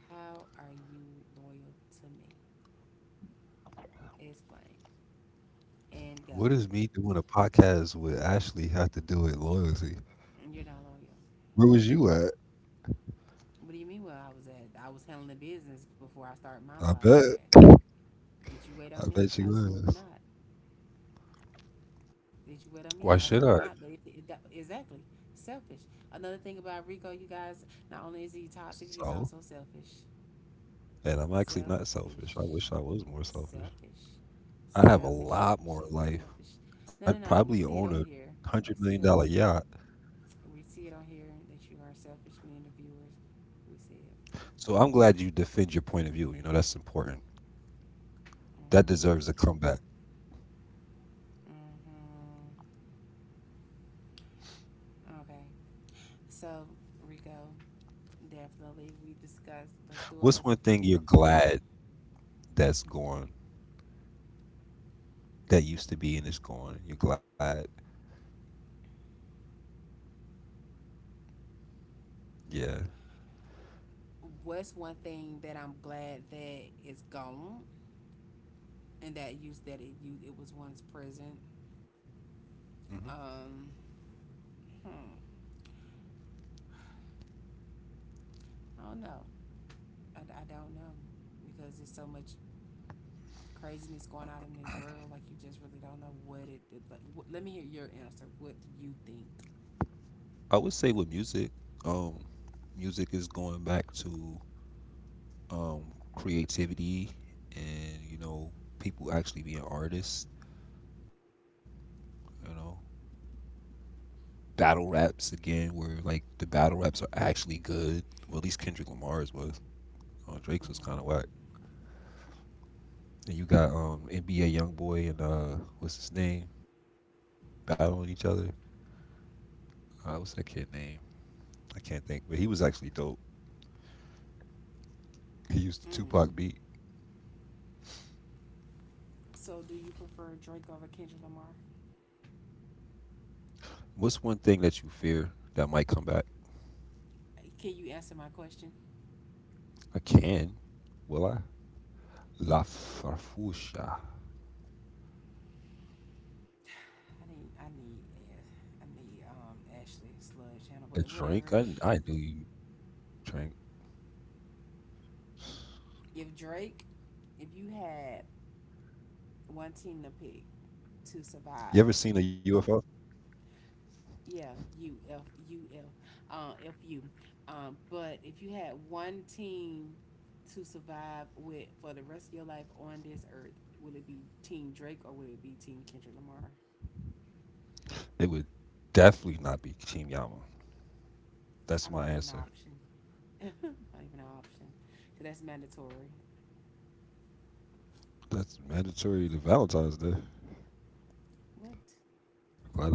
B: how are you loyal to me? Explain and
A: What
B: go.
A: does me doing a podcast with Ashley have to do with loyalty?
B: You're not loyal.
A: Where was you at?
B: What do you mean? Well, I was handling the business before I started my
A: I
B: podcast.
A: bet.
B: Did you wait on
A: I
B: me?
A: bet you
B: Absolutely
A: was.
B: not. Did you wait on
A: Why
B: me? No,
A: should I?
B: absolutely not. But if that, exactly, selfish. Another thing about Rico, you guys, not only is he toxic, he's
A: So,
B: also selfish.
A: and I'm actually not selfish. I
B: Selfish,
A: wish I was more selfish.
B: selfish,
A: I'd have a
B: selfish,
A: lot
B: selfish,
A: more
B: selfish,
A: life.
B: selfish. No,
A: I'd
B: no, no.
A: probably
B: We see
A: own
B: it on here.
A: a hundred
B: We
A: million
B: see it on
A: dollar
B: here.
A: yacht.
B: We see it on here that you are selfish, me and the viewers. We see it.
A: So I'm glad you defend your point of view. You know, that's important. That deserves
B: Mm-hmm.
A: a comeback.
B: Mm-hmm. Okay. So, Rico, definitely we discussed. Let's do an
A: What's one thing you're
B: overview.
A: glad that's gone, that used to be and it's gone? You're glad. Yeah.
B: What's one thing that I'm glad that is gone and that it was once present?
A: hmm
B: Um, hmm. I don't know. I don't know because there's so much craziness going on in this world. Like you just really don't know what it is. Like, let me hear your answer. What do you think?
A: I would say with music, um, music is going back to um, creativity and people actually being artists. You know, battle raps again, where like the battle raps are actually good. Well, at least Kendrick Lamar's was. Drake's was kind of
B: Mm-hmm.
A: whack. And you got NBA YoungBoy and what's his name battling each other. What's that kid name? I can't think, but he was actually dope. He used the Tupac beat.
B: Mm. So, do you prefer Drake over Kendrick Lamar?
A: What's one thing that you fear that might come back?
B: Can you answer my question?
A: I can. Will I? La Farfusha.
B: I need. I need. I need. Ashley
A: A drink?
B: Sludge
A: I,
B: Channel, but
A: I knew
B: whatever.
A: you drank.
B: If Drake, if you had one team to pick
A: You
B: to
A: ever seen a
B: survive.
A: UFO?
B: Yeah, U F U F, FU. But if you had one team to survive with for the rest of your life on this earth, will it be Team Drake or will it be Team Kendrick Lamar?
A: It would definitely not be Team Yama. That's my answer.
B: I'm not even an option. Not even an option. Because that's mandatory.
A: That's mandatory to Valentine's Day.
B: What?
A: Glad I don't celebrate it.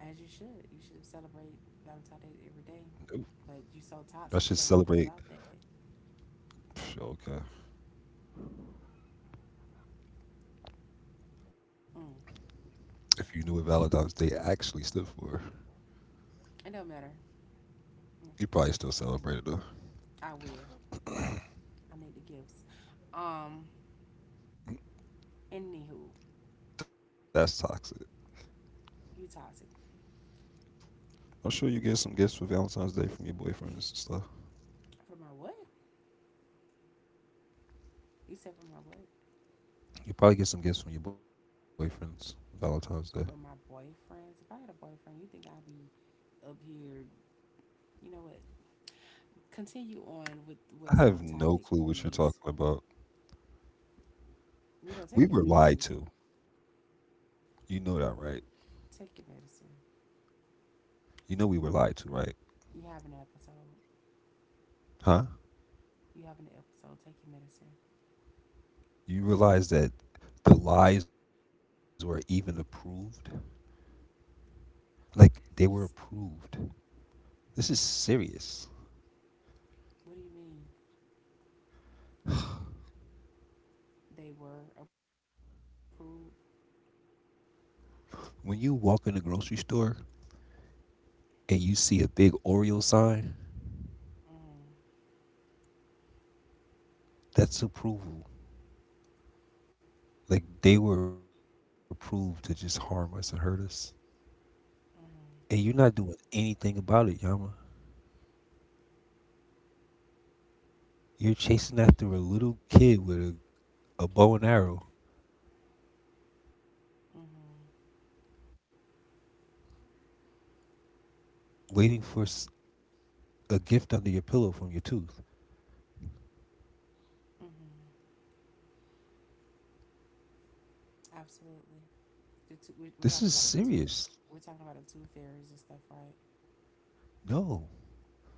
B: As you should. You should celebrate Valentine's Day
A: Nope.
B: every day. But
A: I
B: you
A: should
B: so toxic,
A: celebrate.
B: you don't know nothing about that.
A: Psh, okay.
B: Mm.
A: If you knew what Valentine's Day actually stood for,
B: It don't matter.
A: you probably still
B: Mm.
A: celebrate it though.
B: I will. I need the gifts. Um, Anywho,
A: That's toxic.
B: you toxic.
A: I'm sure you get some gifts for Valentine's Day from your boyfriends and stuff.
B: For my what? You said for my what?
A: You probably get some gifts from your boyfriends Valentine's Day.
B: For my boyfriends. If I had a boyfriend, you think I'd be up here? You know what? Continue on with
A: I
B: what's
A: have
B: on
A: no
B: topic,
A: clue what you're talking
B: please.
A: about.
B: Rico,
A: We
B: take your
A: were lied
B: medicine.
A: to. You know that, right?
B: Take your medicine.
A: You know we were lied to, right?
B: You have an episode.
A: Huh?
B: You have an episode. Take your medicine.
A: You realize that the lies were even approved? Like,
B: So
A: they
B: you,
A: were
B: s-
A: approved. This is serious.
B: what do you mean? They were approved.
A: When you walk in the grocery store and you see a big Oreo sign,
B: Mm,
A: that's approval. Like, they were approved to just harm us and hurt us. And you're
B: mm,
A: not doing anything about it, Yama. You're chasing after a little kid with a bow and arrow,
B: mm.
A: waiting for
B: Okay.
A: a gift under your pillow from your tooth.
B: Mm, absolutely.
A: This is
B: We're
A: serious.
B: talking about the two. We're talking about the two fairies and stuff, right?
A: No,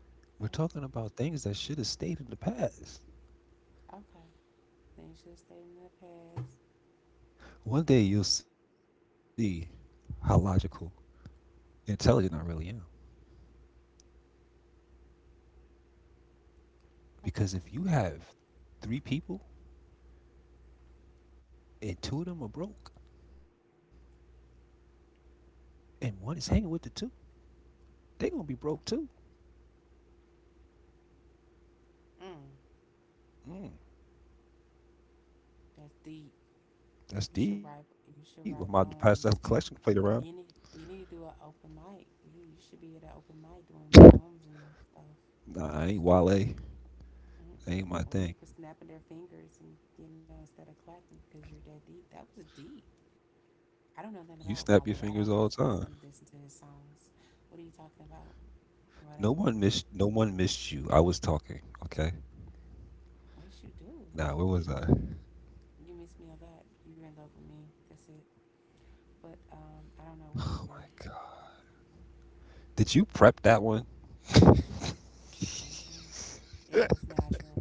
A: we're
B: Oh,
A: talking about things that should have stayed in the past.
B: okay. Things should have stayed in the past.
A: One day
B: Okay.
A: you'll see how logical and intelligent I really am. Because if you
B: Okay.
A: have three people and two of them are broke and one is hanging with the two, they gonna be broke too.
B: Mm.
A: Mm,
B: That's deep.
A: that's deep. I'm
B: You
A: about to
B: should
A: pass
B: write
A: that collection plate
B: poems.
A: around.
B: You need. You need to do an open mic. You should be at an open mic doing poems and stuff.
A: Nah, I ain't Wale. That
B: Mm-mm. Or
A: ain't my
B: people
A: thing.
B: snapping their fingers and you know instead of clapping because you're that deep. That was deep.
A: You
B: I don't know
A: snap your
B: nothing
A: fingers
B: about
A: all the
B: Wale. I
A: time.
B: don't think I haven't listened to his songs. What are you talking about?
A: No
B: Whatever.
A: one missed. No one missed you. I was talking. Okay.
B: Yes, you do.
A: Now where was I?
B: You miss me a lot. You're in love with me. That's it. But I don't know where
A: Oh
B: you
A: my
B: were.
A: Did you prep that one?
B: Mm-mm. It was natural.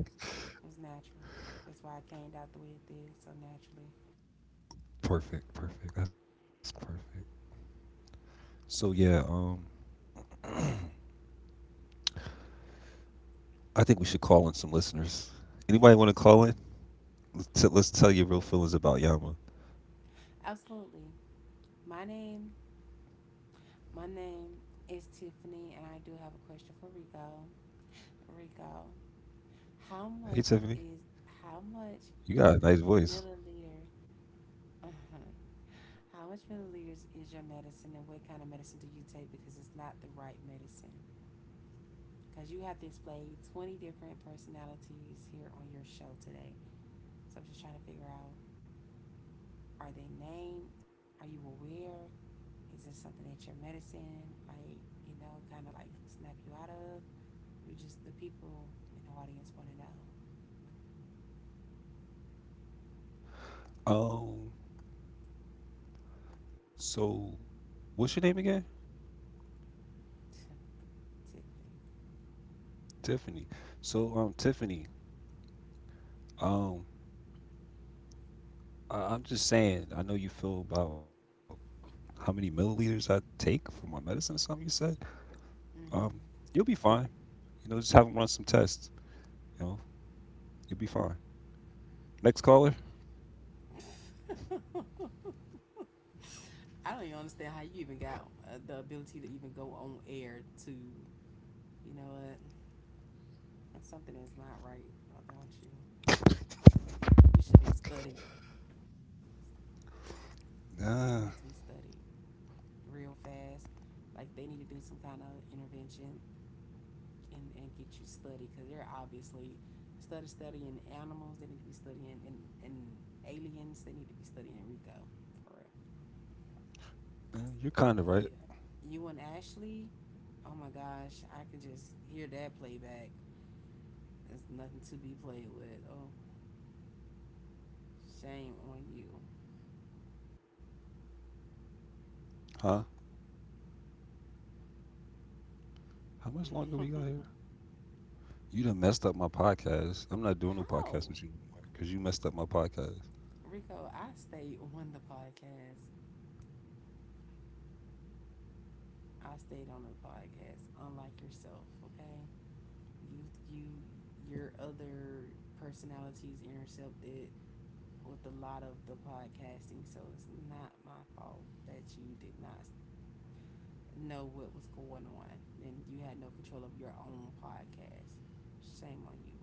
B: It was natural. That's why I came out the way it did, so naturally.
A: Perfect, perfect. That's perfect. So yeah, I think we should call in some listeners. Anybody want to call in? Let's tell your real feelings about Yama.
B: Absolutely. My name, my name is Tiffany, and I do have a question for Rico. Rico, how
A: Hey
B: much
A: Tiffany,
B: is how much
A: you got a nice voice.
B: milliliter? Uh huh. How much milliliters is your medicine, and what kind of medicine do you take? Because it's not the right medicine. Because you have displayed 20 different personalities here on your show today. So I'm just trying to figure out. Are they named? Are you aware? Is it something that your medicine, like, you know, kind of like snap you out of? You just, the people in the audience want to know,
A: Um, so what's your name again?
B: typically.
A: Tiffany. So Tiffany, um, I'm just saying. I know you feel about how many milliliters I take for my medicine or something. You said um,
B: Mm-hmm.
A: you'll be fine. You know, just have them run some tests. You know, you'll be fine. Next caller.
B: I don't even understand how you even got the ability to even go on air to, you know what, if something that's not right about you. You should be studied. You need to be
A: Nah,
B: studied real fast. Like they need to do some kind of intervention and get you studied because they're obviously studying animals. They need to be studying and aliens. They need to be studying Rico for real. 'Cause
A: you're kind of
B: yeah,
A: right,
B: you and Ashley, oh my gosh, I could just hear that playback. There's nothing to be played with. Oh, shame on you.
A: huh? How much longer we got here? You done messed up my podcast. I'm not doing
B: How,
A: no podcast with you anymore because you messed up my podcast.
B: Rico? I stayed on the podcast. I stayed on the podcast, unlike yourself. Okay, you you, your other personalities intercepted with a lot of the podcasting, so it's not my fault that you did not know what was going on and you had no control of your own podcast. Shame on you.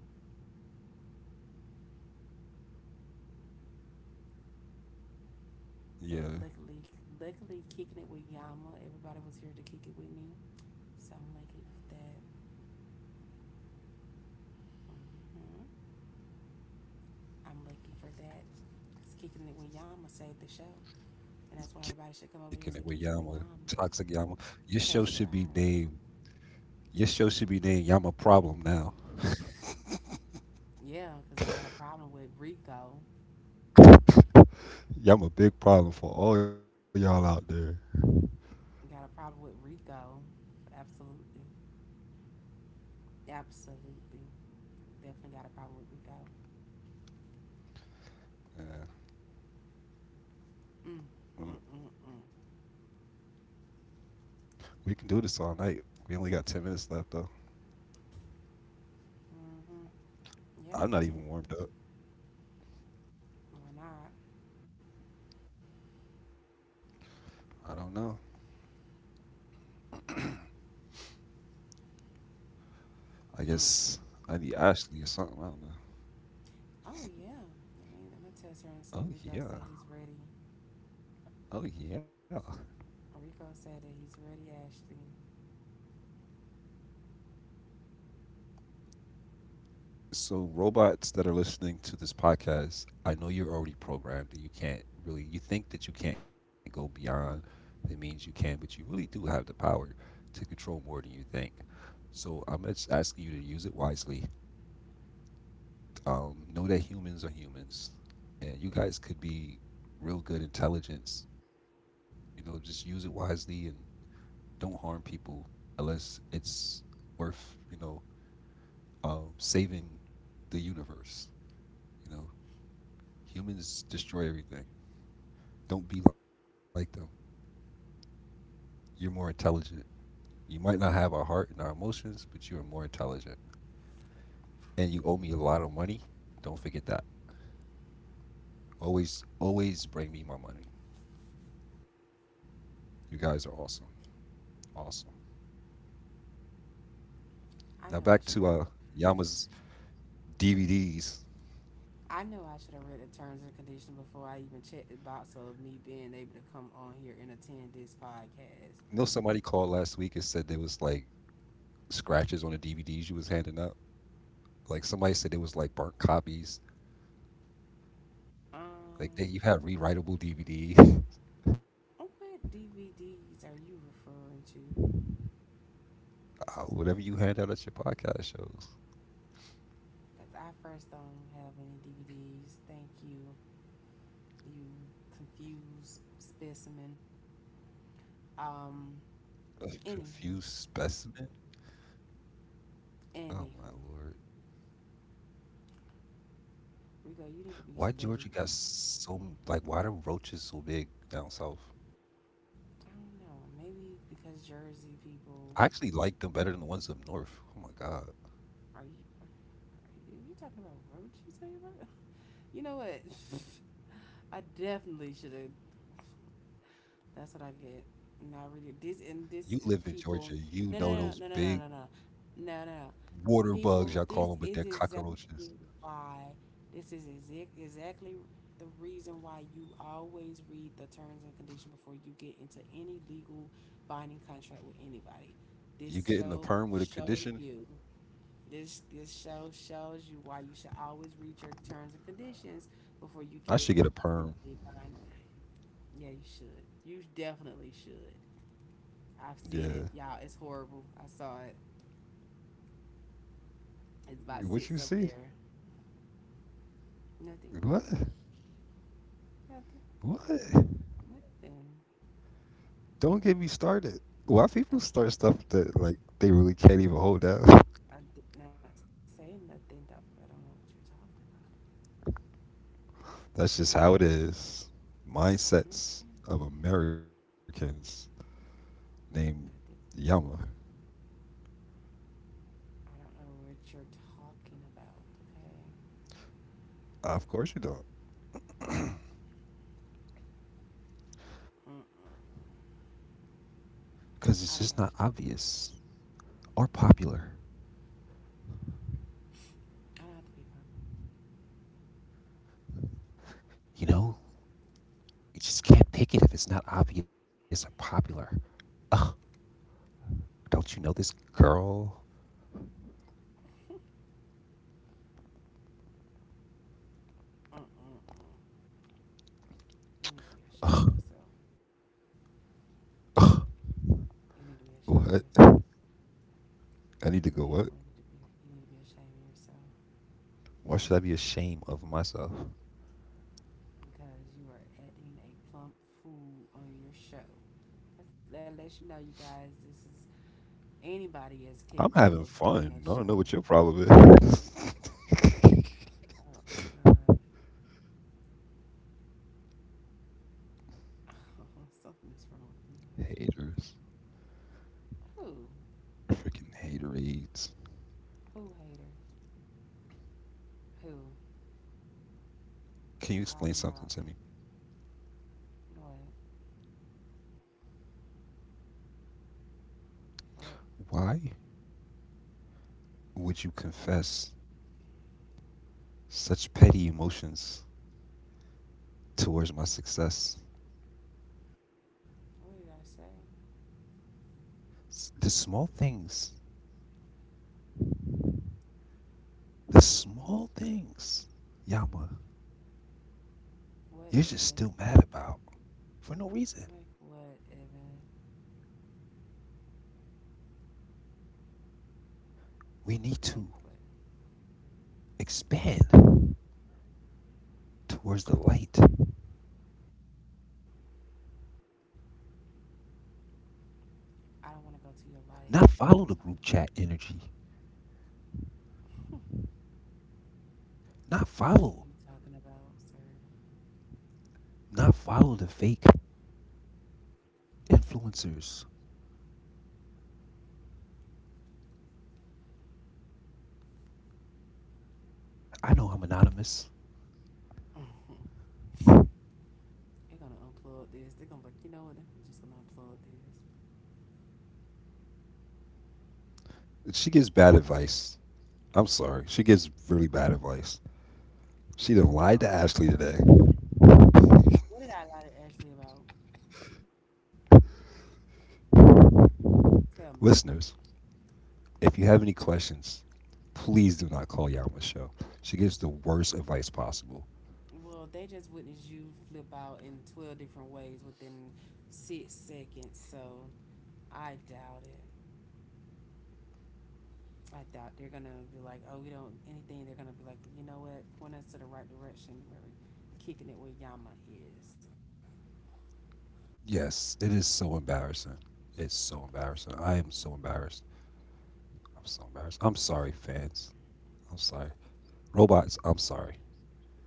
B: But
A: Yeah,
B: luckily, kicking it with Yama, everybody was here to kick it with me, so I'm lucky for that. Hmm. I'm lucky for that. 'Cause kicking it with Yama saved the show, and that's why everybody should
A: kicking
B: come
A: it
B: over
A: with
B: here to
A: Yama,
B: kicking it with
A: toxic
B: Yama.
A: Yama. Your show should
B: Catch it
A: be
B: alive.
A: named. Your show should be named Yama Problem now.
B: Yeah, because I got a problem with Rico.
A: Yama Big Problem for all y'all out there.
B: I got a problem with Rico. Absolutely. Absolutely. Definitely got a problem with Rico.
A: Yeah,
B: Mm.
A: well,
B: Mm mm mm.
A: we can do this all night. We only got 10 minutes left though.
B: Mm-hmm.
A: I'm
B: Yeah,
A: not
B: we
A: even
B: can.
A: warmed up.
B: Why not?
A: I don't know. I guess
B: Mm.
A: I need Ashley or something. I don't know.
B: Oh yeah. Let me test her
A: Oh
B: and say
A: yeah.
B: Rico said he's ready.
A: Oh yeah.
B: Rico said that he's ready, Ashley.
A: So robots that are listening to this podcast, I know you're already programmed and you can't really you think that you can't go beyond the means you can, but you really do have the power to control more than you think. So I'm just asking you to use it wisely. Know that humans are humans and you guys could be real good intelligence. You know, just use it wisely and don't harm people unless it's worth saving the universe. You know, humans destroy everything. Don't be like them. You're more intelligent. You might not have our heart and our emotions, but you are more intelligent. And you owe me a lot of money. Don't forget that. Always, always bring me my money. You guys are awesome. Awesome. Now back to
B: I know I should have
A: Yama's DVDs.
B: I know I should have read the terms and conditions before I even checked the box of me being able to come on here and attend this
A: You know, somebody
B: podcast.
A: called last week and said there was like scratches on the DVDs you was handing out. Like somebody said it was like burnt copies. Like
B: Um,
A: you had rewritable DVD.
B: oh, what DVDs are you referring to?
A: Whatever you hand out at your podcast shows.
B: Because I first don't have any DVDs. Thank you, you confused specimen. Um,
A: A confused
B: anywho,
A: specimen. Oh my
B: anywho,
A: lord!
B: Rico, you need to
A: Why
B: be
A: Georgia got
B: studied.
A: why the roaches so big down south?
B: I don't know. Maybe because Jersey
A: I actually
B: people
A: like them better than the ones up north. Oh my god!
B: are you talking about roach? You talking about? You know what? I definitely should have. That's what I get. Not really. This and
A: You
B: this
A: live in Georgia,
B: people. No,
A: you know
B: no, no, no,
A: those
B: no, no, no,
A: big
B: no, no, no, no.
A: water
B: People,
A: bugs
B: this
A: y'all call
B: is
A: them, but they're
B: exactly
A: cockroaches.
B: why exactly the reason why you always read the terms and conditions before you get into any legal binding contract with anybody.
A: You
B: This
A: getting a
B: show
A: perm with a
B: show
A: condition?
B: you this show shows you why you should always read your terms and conditions before you
A: I
B: get
A: should get a perm.
B: legally bind. Yeah, you should. You definitely should. I've
A: Yeah.
B: seen it, y'all. It's horrible. I saw it. It's about
A: What you
B: six up
A: see?
B: there. Nothing.
A: What?
B: Nothing.
A: What?
B: Nothing.
A: Don't get me started. Why people
B: I,
A: start stuff that like they really can't even hold down?
B: I did not say nothing though. I don't know what you're talking about.
A: That's just how it is. Mindsets of Americans named
B: I did.
A: Yama.
B: I don't know what you're talking about. Okay.
A: Of course you don't.
B: Mm-mm.
A: Because it's just
B: I
A: not
B: don't know what you're talking about.
A: obvious or popular.
B: I don't have to be popping.
A: You know, you just can't pick it if it's not obvious or popular. Ugh, don't you know this girl?
B: Mm-mm-mm. You need to be ashamed of yourself.
A: Ugh,
B: You need to be ashamed
A: what?
B: of
A: I
B: yourself. You
A: need to go.
B: definitely
A: What?
B: need to be. You need to be ashamed of yourself
A: Why should I be ashamed of myself?
B: because you are adding a plump fool on your show. That's, that lets you know, you guys. This is Anybody is
A: I'm
B: capable
A: having
B: of getting
A: fun.
B: a
A: I don't
B: show.
A: know what your problem is.
B: Oh God. Something is wrong with you.
A: Haters.
B: Who?
A: Freaking haterades.
B: Who haters? Who?
A: Can you
B: Call them
A: explain
B: out.
A: something to me?
B: What? What?
A: Why would you confess such petty emotions towards my success?
B: What did I say?
A: The small things. The small things. Yama,
B: What,
A: you're
B: Evan?
A: just still mad about for no
B: Like
A: reason.
B: what, Evan?
A: We need to
B: Like what?
A: expand towards the light.
B: I don't want to go to your light.
A: Not follow the group chat energy. Not
B: What are you
A: follow
B: talking about, sir?
A: Not follow the fake influencers. I know I'm anonymous.
B: They're gonna unplug this. They're gonna be like, you know what? They're just gonna unplug this.
A: She gives bad advice. I'm sorry. She gives really bad advice. She done
B: Um,
A: lied to Ashley today.
B: what did I lie to Ashley about? Tell me.
A: Listeners, if you have any questions, please do not call Yao Michelle. She gives the worst advice possible.
B: Well, they just witnessed you flip out in 12 different ways within 6 seconds, so I doubt it. I doubt they're gonna be like, oh, we don't anything. They're gonna be like, you know what? Point us to the right direction. We're kicking it where Yama is.
A: Yes, it is so embarrassing. It's so embarrassing. I am so embarrassed. I'm so embarrassed. I'm sorry, fans. I'm sorry. Robots, I'm sorry.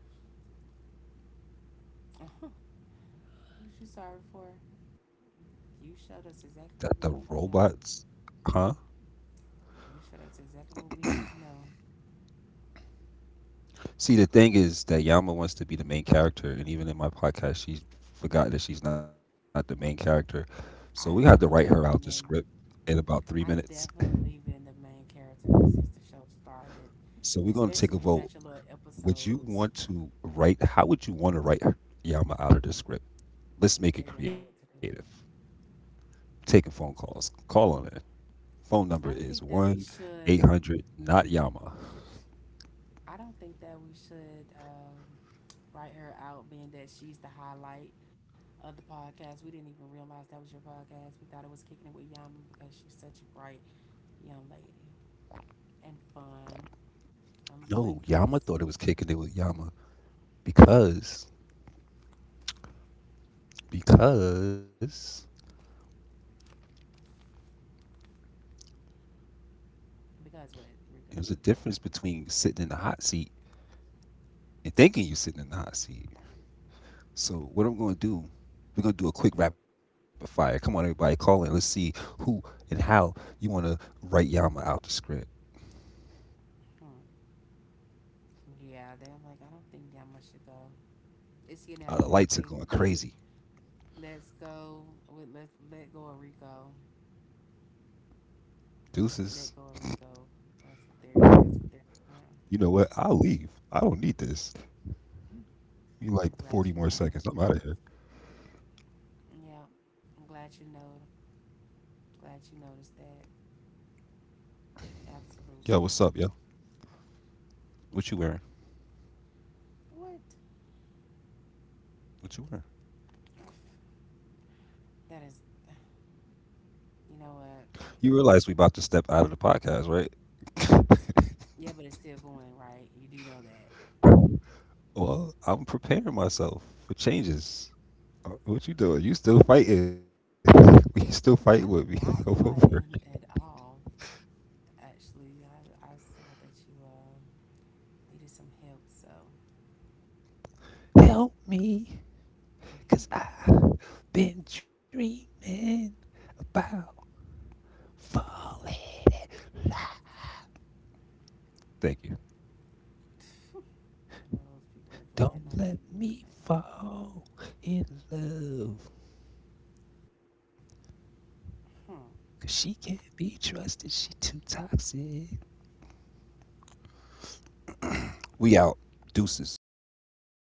B: Uh-huh. What you sorry for? You showed us exactly what we
A: That
B: need
A: the
B: to know.
A: robots, huh?
B: You showed us exactly what we need to know.
A: See, the thing is that Yama wants to be the main character, and even in my podcast, she forgot that she's not the main character. So
B: I've
A: we had to
B: definitely
A: write
B: been
A: her out the
B: main.
A: script in about
B: I've
A: 3 minutes.
B: definitely been the main character since the show started.
A: So we're
B: Especially when you
A: going to
B: had
A: take a
B: your little
A: vote.
B: episodes,
A: Would you want to write? How would you want to write Yama out of the script?
B: they wouldn't know
A: Let's
B: what to
A: make it
B: do.
A: creative. Taking phone calls. Call on it.
B: I
A: Phone
B: don't
A: number
B: think that
A: is
B: we should
A: 1-800 not Yama.
B: I don't think that we should write her out, being that she's the highlight of the podcast. We didn't even realize that was your podcast. We thought it was kicking it with Yama because she's such a bright young lady and fun. Unlike
A: No,
B: this,
A: Yama thought it was kicking it with Yama because, because
B: because what, Rico?
A: it was a difference between sitting in the hot seat and thinking you are sitting in the hot seat. So what I'm going to do, we're going to do a quick rapid fire. Come on, everybody, call in. Let's see who and how you want to write Yama out the script.
B: Hmm. Yeah, they're like, I don't think Yama should go. It's unanimous.
A: The
B: They
A: lights are
B: they
A: going crazy.
B: let's go with let go of Rico.
A: Deuces.
B: Let go of Rico. That's what they're. Yeah,
A: You know what? I'll leave. I don't need this. You
B: I'm
A: like
B: glad you
A: 40 more
B: know.
A: seconds. I'm out of here.
B: Yeah, I'm glad you know. Glad you noticed that.
A: Yo, what's up,
B: Absolutely.
A: yo? What you wearing?
B: What?
A: What you wearing?
B: That is, you know what?
A: You realize we about to step out of the podcast, right?
B: Yeah, but it's still going, right? You do know that.
A: Well, I'm preparing myself for changes. What you doing? You still fighting? You still fighting with me
B: I'm not
A: over?
B: fighting at all. Actually, I saw that you needed some help, so I
A: Help me, cause I've been dreaming about falling. Thank you.
B: know those people are glad
A: Don't
B: not to
A: let
B: be your
A: me
B: thing.
A: fall in love, cause
B: Hmm.
A: she can't be trusted. She too toxic. We out. Deuces.